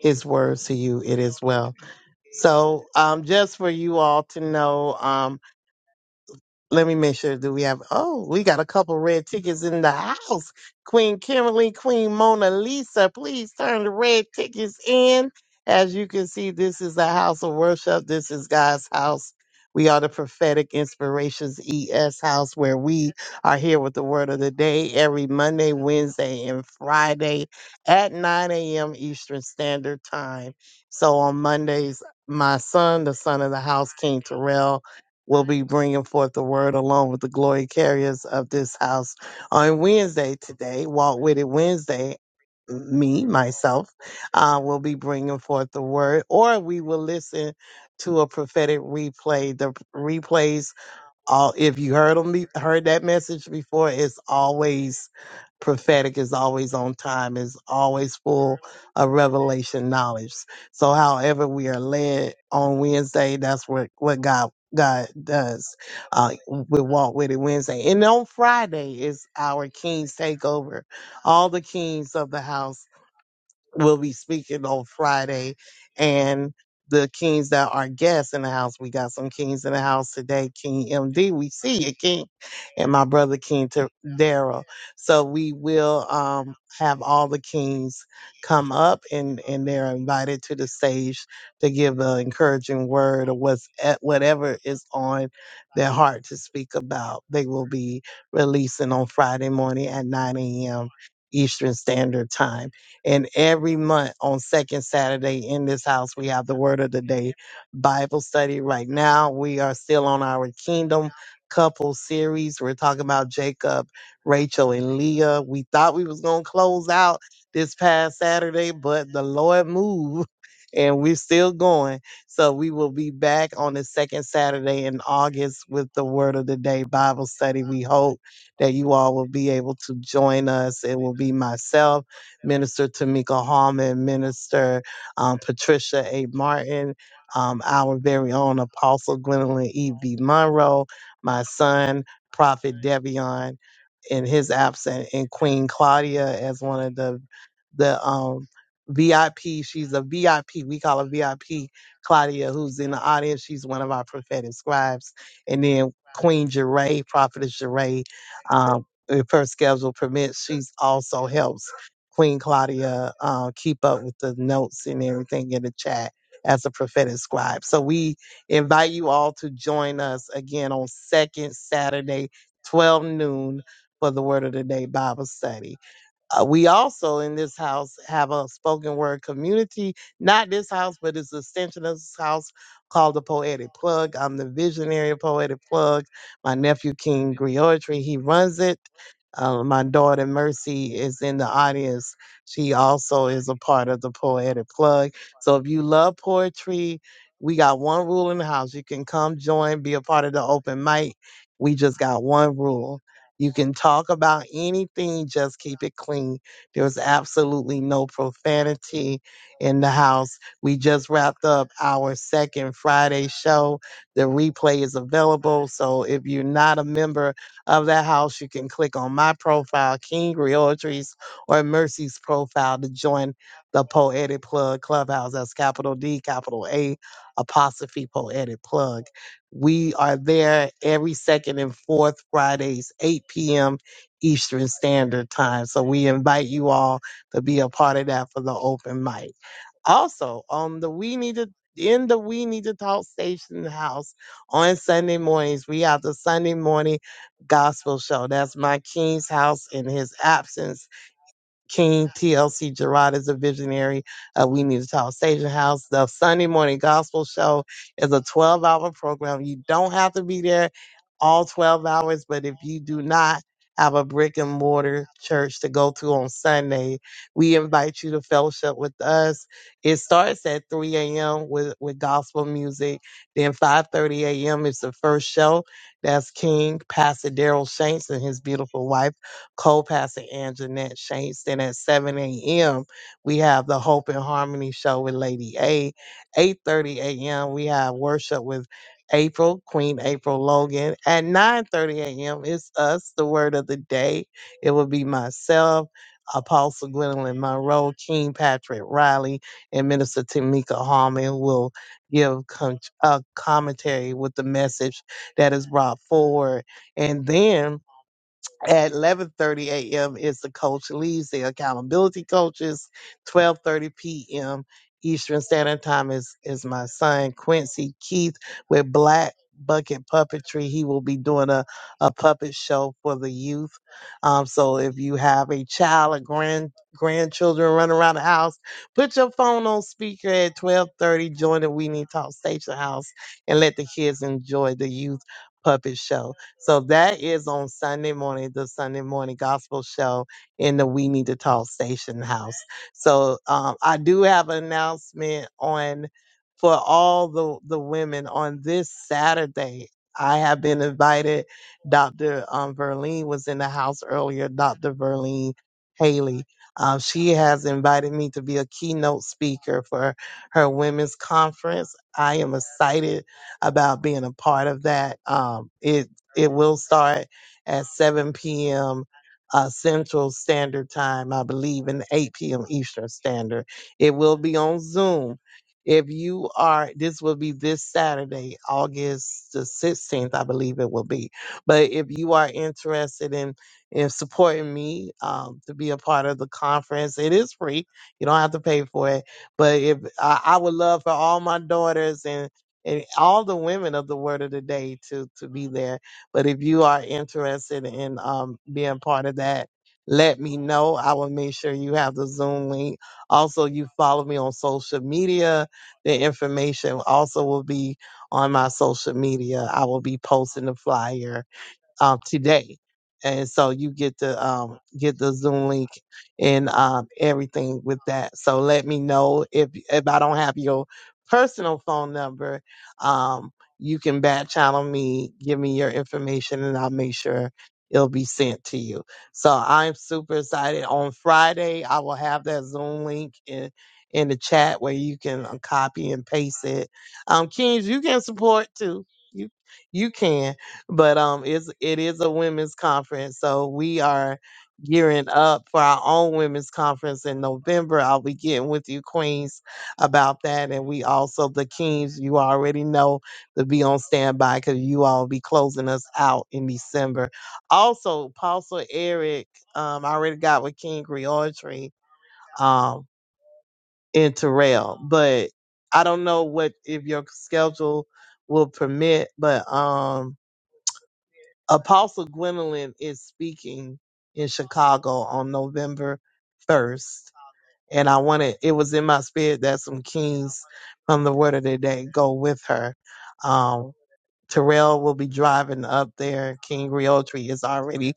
his words to you, it is well. So um, just for you all to know, um, let me make sure. Do we have? Oh, we got a couple red tickets in the house. Queen Kimberly, Queen Mona Lisa, please turn the red tickets in. As you can see, this is a house of worship. This is God's house. We are the prophetic inspirations ES house where we are here with the word of the day every Monday, Wednesday, and Friday at 9 a.m. Eastern Standard Time. So on Mondays, my son, the son of the house, King Terrell, will be bringing forth the word along with the glory carriers of this house on Wednesday today, Walk With It Wednesday. Me, myself, uh, will be bringing forth the word, or we will listen to a prophetic replay. The replays, all if you heard them, heard that message before, it's always prophetic is always on time, is always full of revelation knowledge. So however we are led on Wednesday, that's what, what God God does. Uh, we walk with it Wednesday. And on Friday is our King's Takeover. All the kings of the house will be speaking on Friday and the kings that are guests in the house. We got some kings in the house today. King MD, we see you, King, and my brother King Ter- Daryl. So we will um, have all the kings come up and, and they're invited to the stage to give an encouraging word or what's at whatever is on their heart to speak about. They will be releasing on Friday morning at 9 a.m. Eastern Standard Time. And every month on second Saturday in this house, we have the word of the day Bible study. Right now, we are still on our kingdom couple series. We're talking about Jacob, Rachel, and Leah. We thought we was going to close out this past Saturday, but the Lord moved and we're still going. So we will be back on the second Saturday in August with the Word of the Day Bible study. We hope that you all will be able to join us. It will be myself. Minister Tamika Hallman, Minister um, Patricia A. Martin, um, our very own Apostle Gwendolyn E. B. Monroe, my son, Prophet Devion, in his absence, and Queen Claudia as one of the the um VIP. She's a VIP. We call her VIP Claudia, who's in the audience. She's one of our prophetic scribes. And then Queen Jeray, Prophetess Jeray, um, if her schedule permits, she's also helps. Queen Claudia uh, keep up with the notes and everything in the chat as a prophetic scribe. So we invite you all to join us again on second Saturday, 12 noon, for the Word of the Day Bible study uh, we also in this house have a spoken word community. Not this house, but it's an extension of this house called the Poetic Plug. I'm the visionary of Poetic Plug. My nephew King Griotry, he runs it. Uh, my daughter Mercy is in the audience. She also is a part of the Poetic Plug. So if you love poetry, we got one rule in the house. You can come join, be a part of the open mic. We just got one rule you can talk about anything, just keep it clean. There was absolutely no profanity in the house. We just wrapped up our second Friday show. The replay is available. So if you're not a member of that house, you can click on my profile, King Realtries, or Mercy's profile to join the Poetic Plug Clubhouse. That's capital D, capital A, apostrophe Poetic Plug. We are there every second and fourth Fridays, 8 p.m. Eastern Standard Time. So we invite you all to be a part of that for the open mic. Also, on the We Need to in the We Need to Talk Station House on Sunday mornings, we have the Sunday morning gospel show. That's my king's house in his absence King TLC Gerard is a visionary. Uh, we need to talk Station House. The Sunday morning gospel show is a 12 hour program. You don't have to be there all 12 hours, but if you do not have a brick and mortar church to go to on Sunday, we invite you to fellowship with us. It starts at 3 a.m. with, with gospel music. Then 5.30 a.m. is the first show. That's King, Pastor Daryl Shanks and his beautiful wife co-pastor Anjanette Shanks. Then at 7 a.m., we have the Hope and Harmony show with Lady A. 8.30 a.m., we have worship with April, Queen April Logan. At 9.30 a.m., it's us, the word of the day. It will be myself, Apostle Gwendolyn Monroe, King Patrick Riley, and Minister Tamika Hallman will give con- a commentary with the message that is brought forward. And then at 11:30 a.m. is the coach leaves the accountability coaches. 12:30 p.m. Eastern Standard Time is is my son Quincy Keith with Black Bucket Puppetry. He will be doing a a puppet show for the youth. Um, so if you have a child or grand grandchildren running around the house, put your phone on speaker at 12:30. Join the We Need Talk Station House and let the kids enjoy the youth puppet show. So that is on Sunday morning, the Sunday morning gospel show in the We Need to Talk Station House. So um, I do have an announcement on for all the, the women on this Saturday. I have been invited. Dr. Um, Verlene was in the house earlier, Dr. Verlene Haley. Um, she has invited me to be a keynote speaker for her women's conference. I am excited about being a part of that. Um, it it will start at 7 p.m. Uh, Central Standard Time, I believe, and 8 p.m. Eastern Standard. It will be on Zoom. If you are, this will be this Saturday, August the 16th, I believe it will be. But if you are interested in in supporting me um, to be a part of the conference, it is free. You don't have to pay for it. But if I, I would love for all my daughters and and all the women of the word of the day to to be there. But if you are interested in um, being part of that, let me know. I will make sure you have the Zoom link. Also, you follow me on social media. The information also will be on my social media. I will be posting the flyer um, today. And so you get to um, get the Zoom link and um, everything with that. So let me know if if I don't have your personal phone number, um, you can back channel me, give me your information, and I'll make sure it'll be sent to you. So I'm super excited. On Friday, I will have that Zoom link in in the chat where you can uh, copy and paste it. Um, Kings, you can support too. You you can but um it's it is a women's conference so we are gearing up for our own women's conference in november i'll be getting with you queens about that and we also the kings you already know to be on standby because you all be closing us out in december also apostle eric um i already got with king reortry um in terrell but i don't know what if your schedule will permit but um Apostle Gwendolyn is speaking in Chicago on November 1st. And I wanted, it was in my spirit that some kings from the word of the day go with her. Um, Terrell will be driving up there. King Realtree is already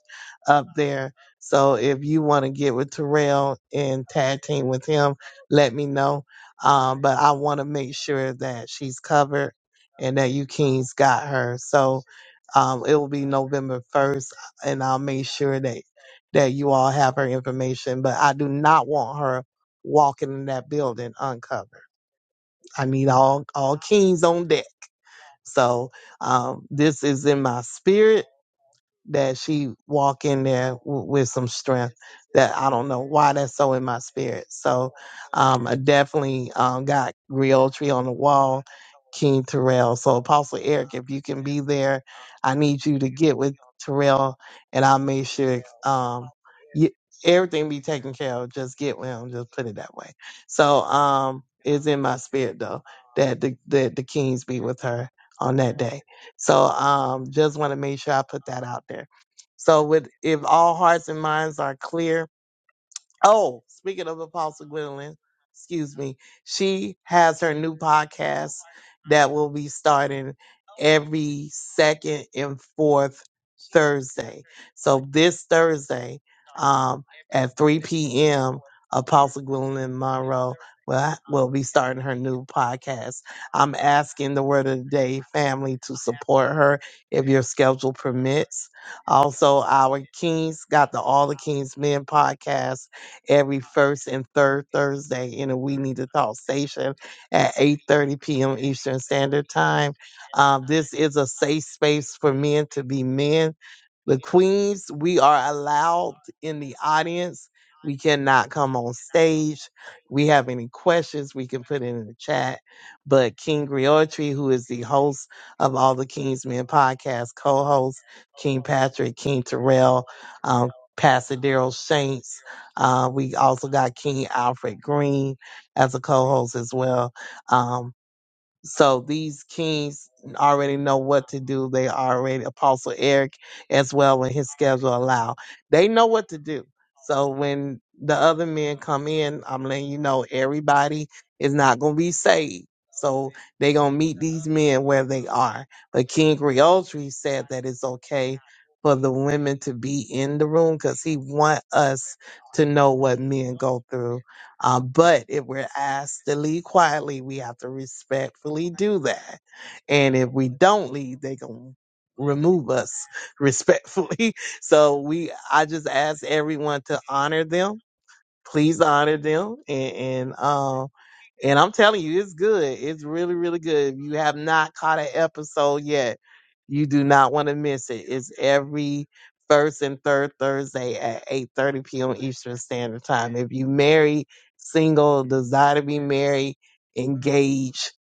up there. So if you want to get with Terrell and tag team with him, let me know. Um, but I want to make sure that she's covered and that you Kings got her. So um, it will be November 1st, and I'll make sure that that you all have her information. But I do not want her walking in that building uncovered. I need all all Kings on deck. So um, this is in my spirit that she walk in there w- with some strength that I don't know why that's so in my spirit. So um, I definitely um, got Griotri on the wall, King Terrell. So Apostle Eric, if you can be there, I need you to get with Terrell and I'll make sure um, you, everything be taken care of. Just get with him. Just put it that way. So um, it's in my spirit though that the, that the Kings be with her on that day. So um, just want to make sure I put that out there. So with if all hearts and minds are clear, Oh, speaking of Apostle Gwendolyn, excuse me, she has her new podcast that will be starting every second and fourth Thursday. So this Thursday, um, at 3 p.m., Apostle Gwendolyn Monroe will, will be starting her new podcast. I'm asking the Word of the Day family to support her if your schedule permits. Also, our Kings got the All the Kings Men podcast every first and third Thursday in a We Need to Talk station at 8.30 p.m. Eastern Standard Time. Um, this is a safe space for men to be men. The queens, we are allowed in the audience. We cannot come on stage. We have any questions, we can put it in the chat. But King Griotri, who is the host of all the King's Men podcast, co-host King Patrick, King Terrell, um, Pastor Daryl Shanks. Uh, we also got King Alfred Green as a co-host as well. Um, so these kings already know what to do. They already Apostle Eric as well when his schedule allow. They know what to do. So when the other men come in, I'm letting you know everybody is not gonna be saved. So they gonna meet these men where they are. But King Griotri said that it's okay for the women to be in the room because he want us to know what men go through uh, but if we're asked to lead quietly, we have to respectfully do that. And if we don't lead, they going to remove us respectfully. So we, I just ask everyone to honor them. Please honor them and, and um, and I'm telling you, it's good. It's really, really good. If you have not caught an episode yet, you do not want to miss it. It's every first and third Thursday at 8:30 p.m. Eastern Standard Time. If you married, single, desire to be married, engaged,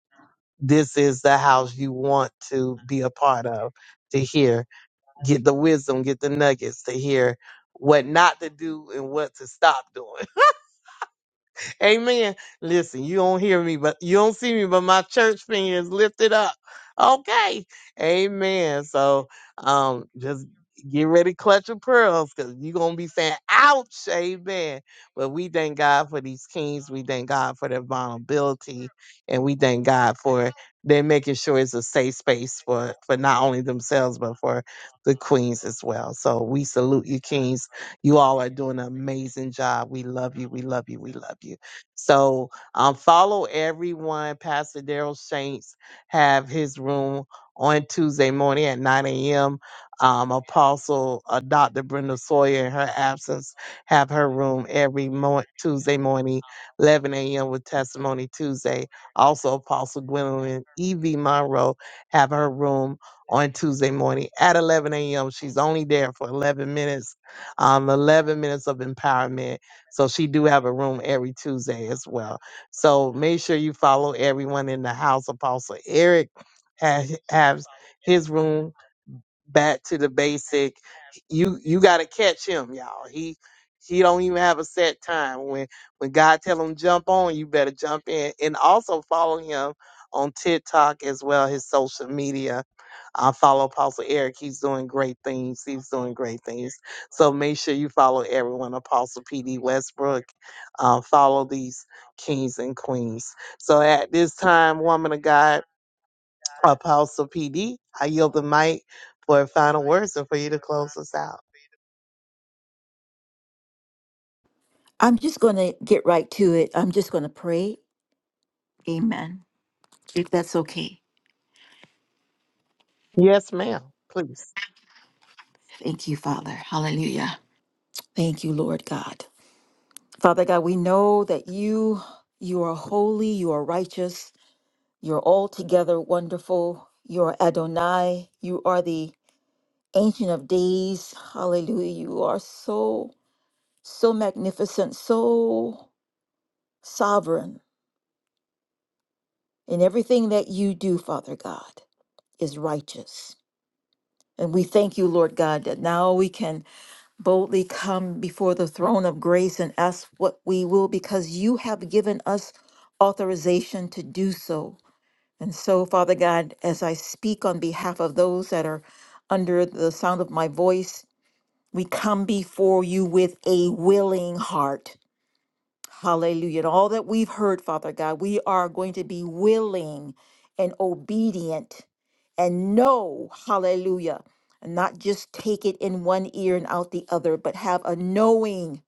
this is the house you want to be a part of to hear, get the wisdom, get the nuggets to hear what not to do and what to stop doing. Amen. Listen, you don't hear me, but you don't see me, but my church finger is lifted up. Okay. Amen. So um just get ready, clutch your pearls, because you're gonna be saying, ouch, amen. But we thank God for these kings, we thank God for their vulnerability, and we thank God for they're making sure it's a safe space for for not only themselves but for the queens as well. So we salute you, kings. You all are doing an amazing job. We love you. We love you. We love you. So um, follow everyone. Pastor Daryl Saints have his room on Tuesday morning at 9 a.m. Um, Apostle uh, Dr. Brenda Sawyer, in her absence, have her room every mo- Tuesday morning, 11 a.m. with Testimony Tuesday. Also, Apostle Gwendolyn E.V. Monroe have her room on Tuesday morning at 11 a.m. She's only there for 11 minutes, um, 11 minutes of empowerment so she do have a room every Tuesday as well. So make sure you follow everyone in the house. Apostle Eric has, has his room back to the basic. You you gotta catch him, y'all. He he don't even have a set time. When when God tell him jump on, you better jump in. And also follow him on TikTok as well, his social media. I follow Apostle Eric. He's doing great things. He's doing great things. So make sure you follow everyone. Apostle PD Westbrook. Uh, follow these kings and queens. So at this time, woman of God. Apostle PD, I yield the mic for final words and for you to close us out. I'm just going to get right to it. I'm just going to pray. Amen. If that's okay. Yes, ma'am. Please. Thank you, Father. Hallelujah. Thank you, Lord God. Father God, we know that you you are holy, you are righteous, you're altogether wonderful. You're Adonai. You are the Ancient of Days, hallelujah. You are so, so magnificent, so sovereign. And everything that you do, Father God, is righteous. And we thank you, Lord God, that now we can boldly come before the throne of grace and ask what we will because you have given us authorization to do so. And so, Father God, as I speak on behalf of those that are under the sound of my voice, We come before you with a willing heart. Hallelujah. And all that we've heard, Father God, we are going to be willing and obedient and know, hallelujah, and not just take it in one ear and out the other, but have a knowing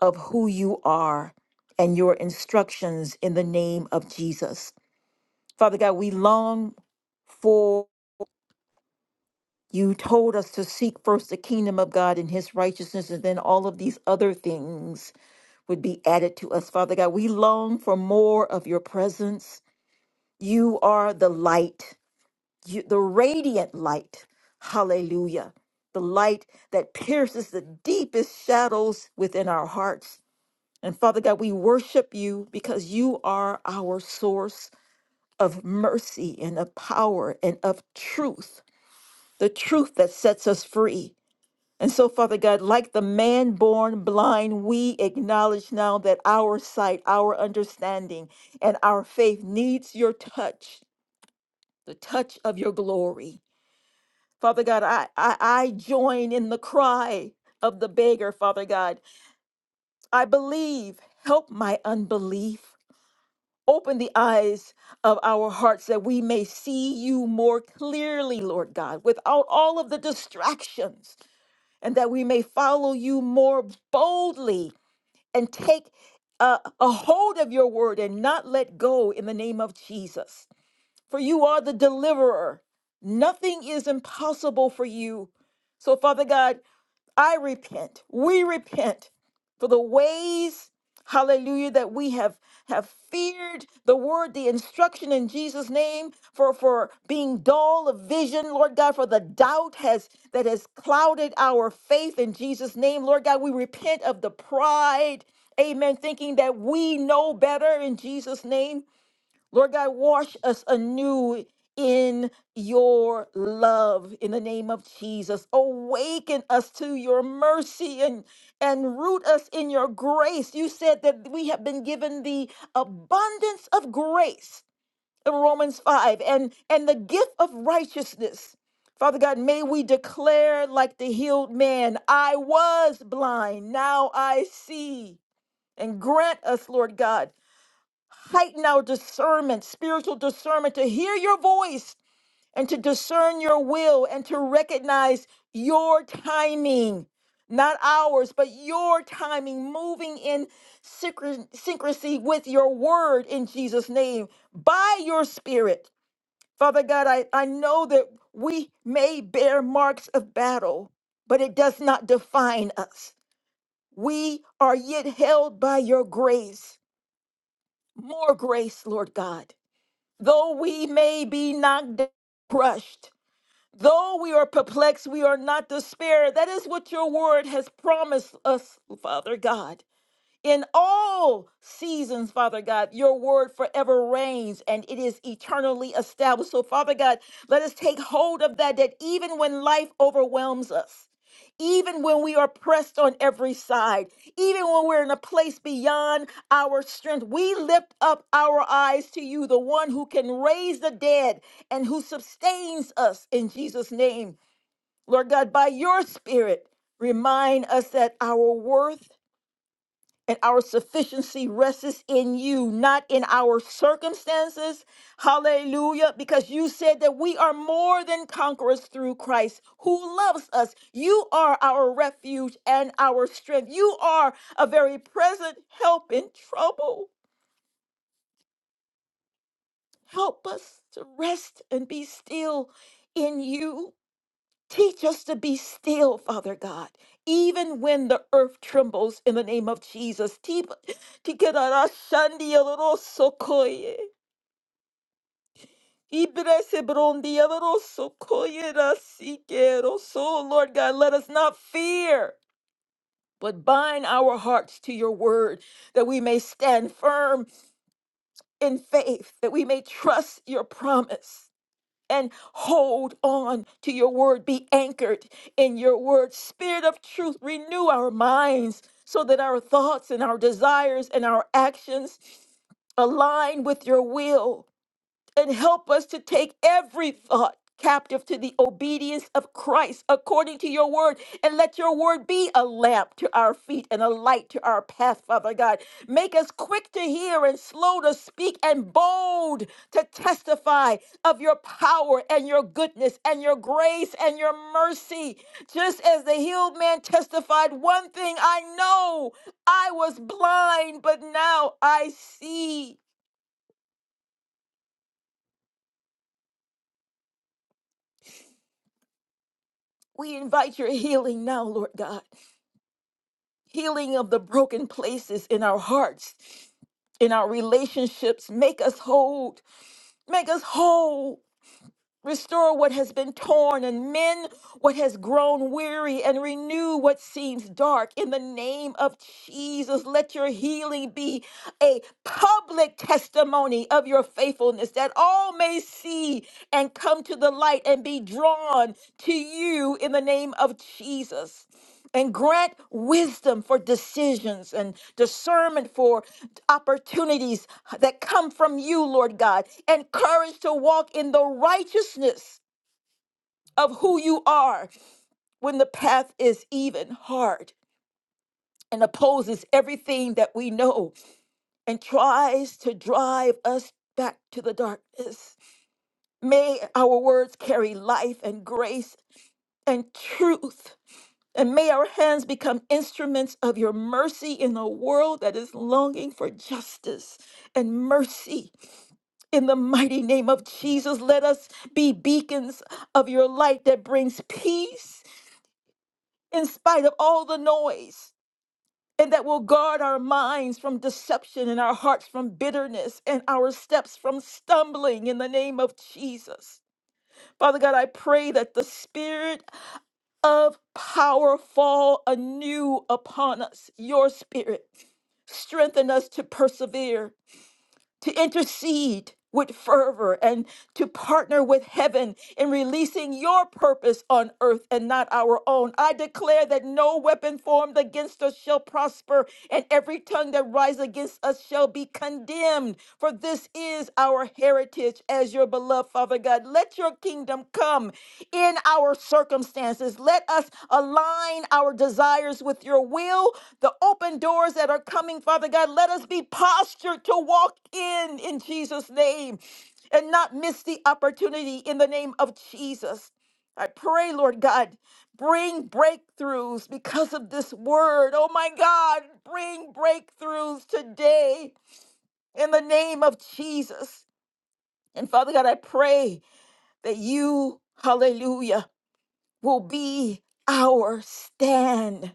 of who you are and your instructions in the name of Jesus. Father God, we long for you told us to seek first the kingdom of God and his righteousness, and then all of these other things would be added to us, Father God. We long for more of your presence. You are the light, you, the radiant light. Hallelujah. The light that pierces the deepest shadows within our hearts. And Father God, we worship you because you are our source of mercy and of power and of truth, the truth that sets us free. And so, Father God, like the man born blind, we acknowledge now that our sight, our understanding, and our faith needs your touch, the touch of your glory. Father God, I, I, I join in the cry of the beggar, Father God. I believe, help my unbelief. Open the eyes of our hearts that we may see you more clearly, Lord God, without all of the distractions, and that we may follow you more boldly and take a, a hold of your word and not let go in the name of Jesus. For you are the deliverer. Nothing is impossible for you. So, Father God, I repent. We repent for the ways, hallelujah, that we have have feared the word, the instruction in Jesus' name, for for being dull of vision, Lord God, for the doubt has that has clouded our faith in Jesus' name. Lord God, we repent of the pride, amen, thinking that we know better in Jesus' name. Lord God, wash us anew in your love in the name of Jesus. Awaken us to your mercy and, and root us in your grace. You said that we have been given the abundance of grace in Romans 5 and, and the gift of righteousness. Father God, may we declare like the healed man, I was blind, now I see. And grant us, Lord God, heighten our discernment, spiritual discernment, to hear your voice and to discern your will and to recognize your timing, not ours, but your timing, moving in synchro- syncrasy with your word in Jesus' name by your spirit. Father God, I, I know that we may bear marks of battle, but it does not define us. We are yet held by your grace, more grace, Lord God. Though we may be knocked down, crushed, though we are perplexed, we are not despaired. That is what your word has promised us, Father God. In all seasons, Father God, your word forever reigns and it is eternally established. So, Father God, let us take hold of that, that even when life overwhelms us, even when we are pressed on every side, even when we're in a place beyond our strength, we lift up our eyes to you, the one who can raise the dead and who sustains us in Jesus' name. Lord God, by your spirit, remind us that our worth and our sufficiency rests in you, not in our circumstances. Hallelujah. Because you said that we are more than conquerors through Christ who loves us. You are our refuge and our strength. You are a very present help in trouble. Help us to rest and be still in you. Teach us to be still, Father God, even when the earth trembles in the name of Jesus. Ti- tikararashandielorosokoye, ibresebrondielerosokoyerasikeroso. Lord God, let us not fear, but bind our hearts to your word that we may stand firm in faith, that we may trust your promise. and hold on to your word. Be anchored in your word. Spirit of truth, renew our minds so that our thoughts and our desires and our actions align with your will and help us to take every thought captive to the obedience of Christ according to your word. And let your word be a lamp to our feet and a light to our path, Father God. Make us quick to hear and slow to speak and bold to testify of your power and your goodness and your grace and your mercy. Just as the healed man testified, one thing I know I was blind, but now I see. We invite your healing now, Lord God. Healing of the broken places in our hearts, in our relationships. Make us whole. Make us whole. Restore what has been torn and mend what has grown weary and renew what seems dark. In the name of Jesus, let your healing be a public testimony of your faithfulness that all may see and come to the light and be drawn to you in the name of Jesus. And grant wisdom for decisions and discernment for opportunities that come from you, Lord God, and courage to walk in the righteousness of who you are when the path is even hard and opposes everything that we know and tries to drive us back to the darkness. May our words carry life and grace and truth. And may our hands become instruments of your mercy in a world that is longing for justice and mercy. In the mighty name of Jesus, let us be beacons of your light that brings peace in spite of all the noise. and that will guard our minds from deception and our hearts from bitterness and our steps from stumbling in the name of Jesus. Father God, I pray that the spirit of power fall anew upon us, your spirit. Strengthen us to persevere to intercede with fervor and to partner with heaven in releasing your purpose on earth and not our own. I declare that no weapon formed against us shall prosper, and every tongue that rises against us shall be condemned. For this is our heritage as your beloved Father God. Let your kingdom come in our circumstances let us align our desires with your will, the open doors that are coming, Father God. Let us be postured to walk in in Jesus' name and not miss the opportunity in the name of Jesus. I pray, Lord God, bring breakthroughs because of this word. Oh my God, bring breakthroughs today in the name of Jesus. And Father God, I pray that you, hallelujah will be our stand,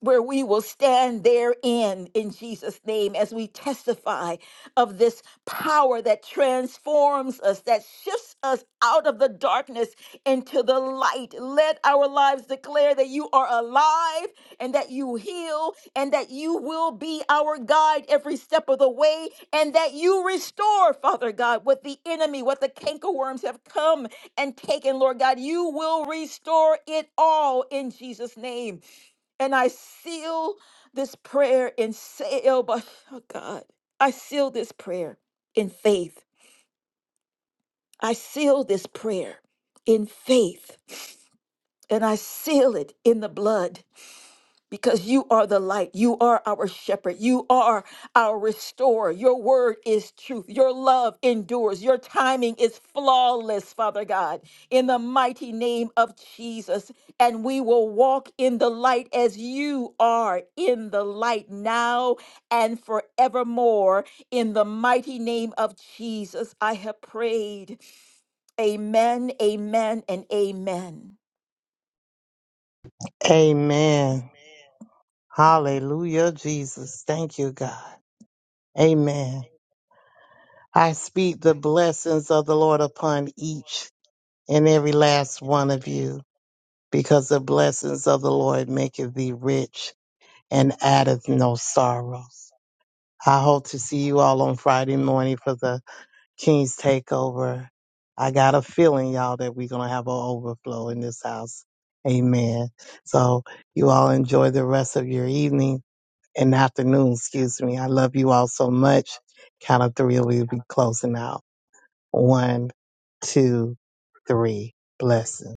where we will stand therein in Jesus' name as we testify of this power that transforms us, that shifts us out of the darkness into the light. Let our lives declare that you are alive and that you heal and that you will be our guide every step of the way and that you restore, Father God, what the enemy, what the cankerworms have come and taken, Lord God. You will restore it all in Jesus' name. And I seal this prayer in sale, but oh God, I seal this prayer in faith. I seal this prayer in faith, and I seal it in the blood. because you are the light. You are our shepherd. You are our restorer. Your word is truth. Your love endures. Your timing is flawless, Father God, in the mighty name of Jesus. And we will walk in the light as you are in the light now and forevermore. In the mighty name of Jesus, I have prayed. Amen, amen, and amen. Amen. Hallelujah, Jesus. Thank you, God. Amen. I speak the blessings of the Lord upon each and every last one of you, because the blessings of the Lord maketh thee rich and addeth no sorrows. I hope to see you all on Friday morning for the King's Takeover. I got a feeling, y'all, that we're going to have an overflow in this house. Amen. So you all enjoy the rest of your evening and afternoon, excuse me. I love you all so much. Count of three, we'll be closing out. One, two, three. Blessings.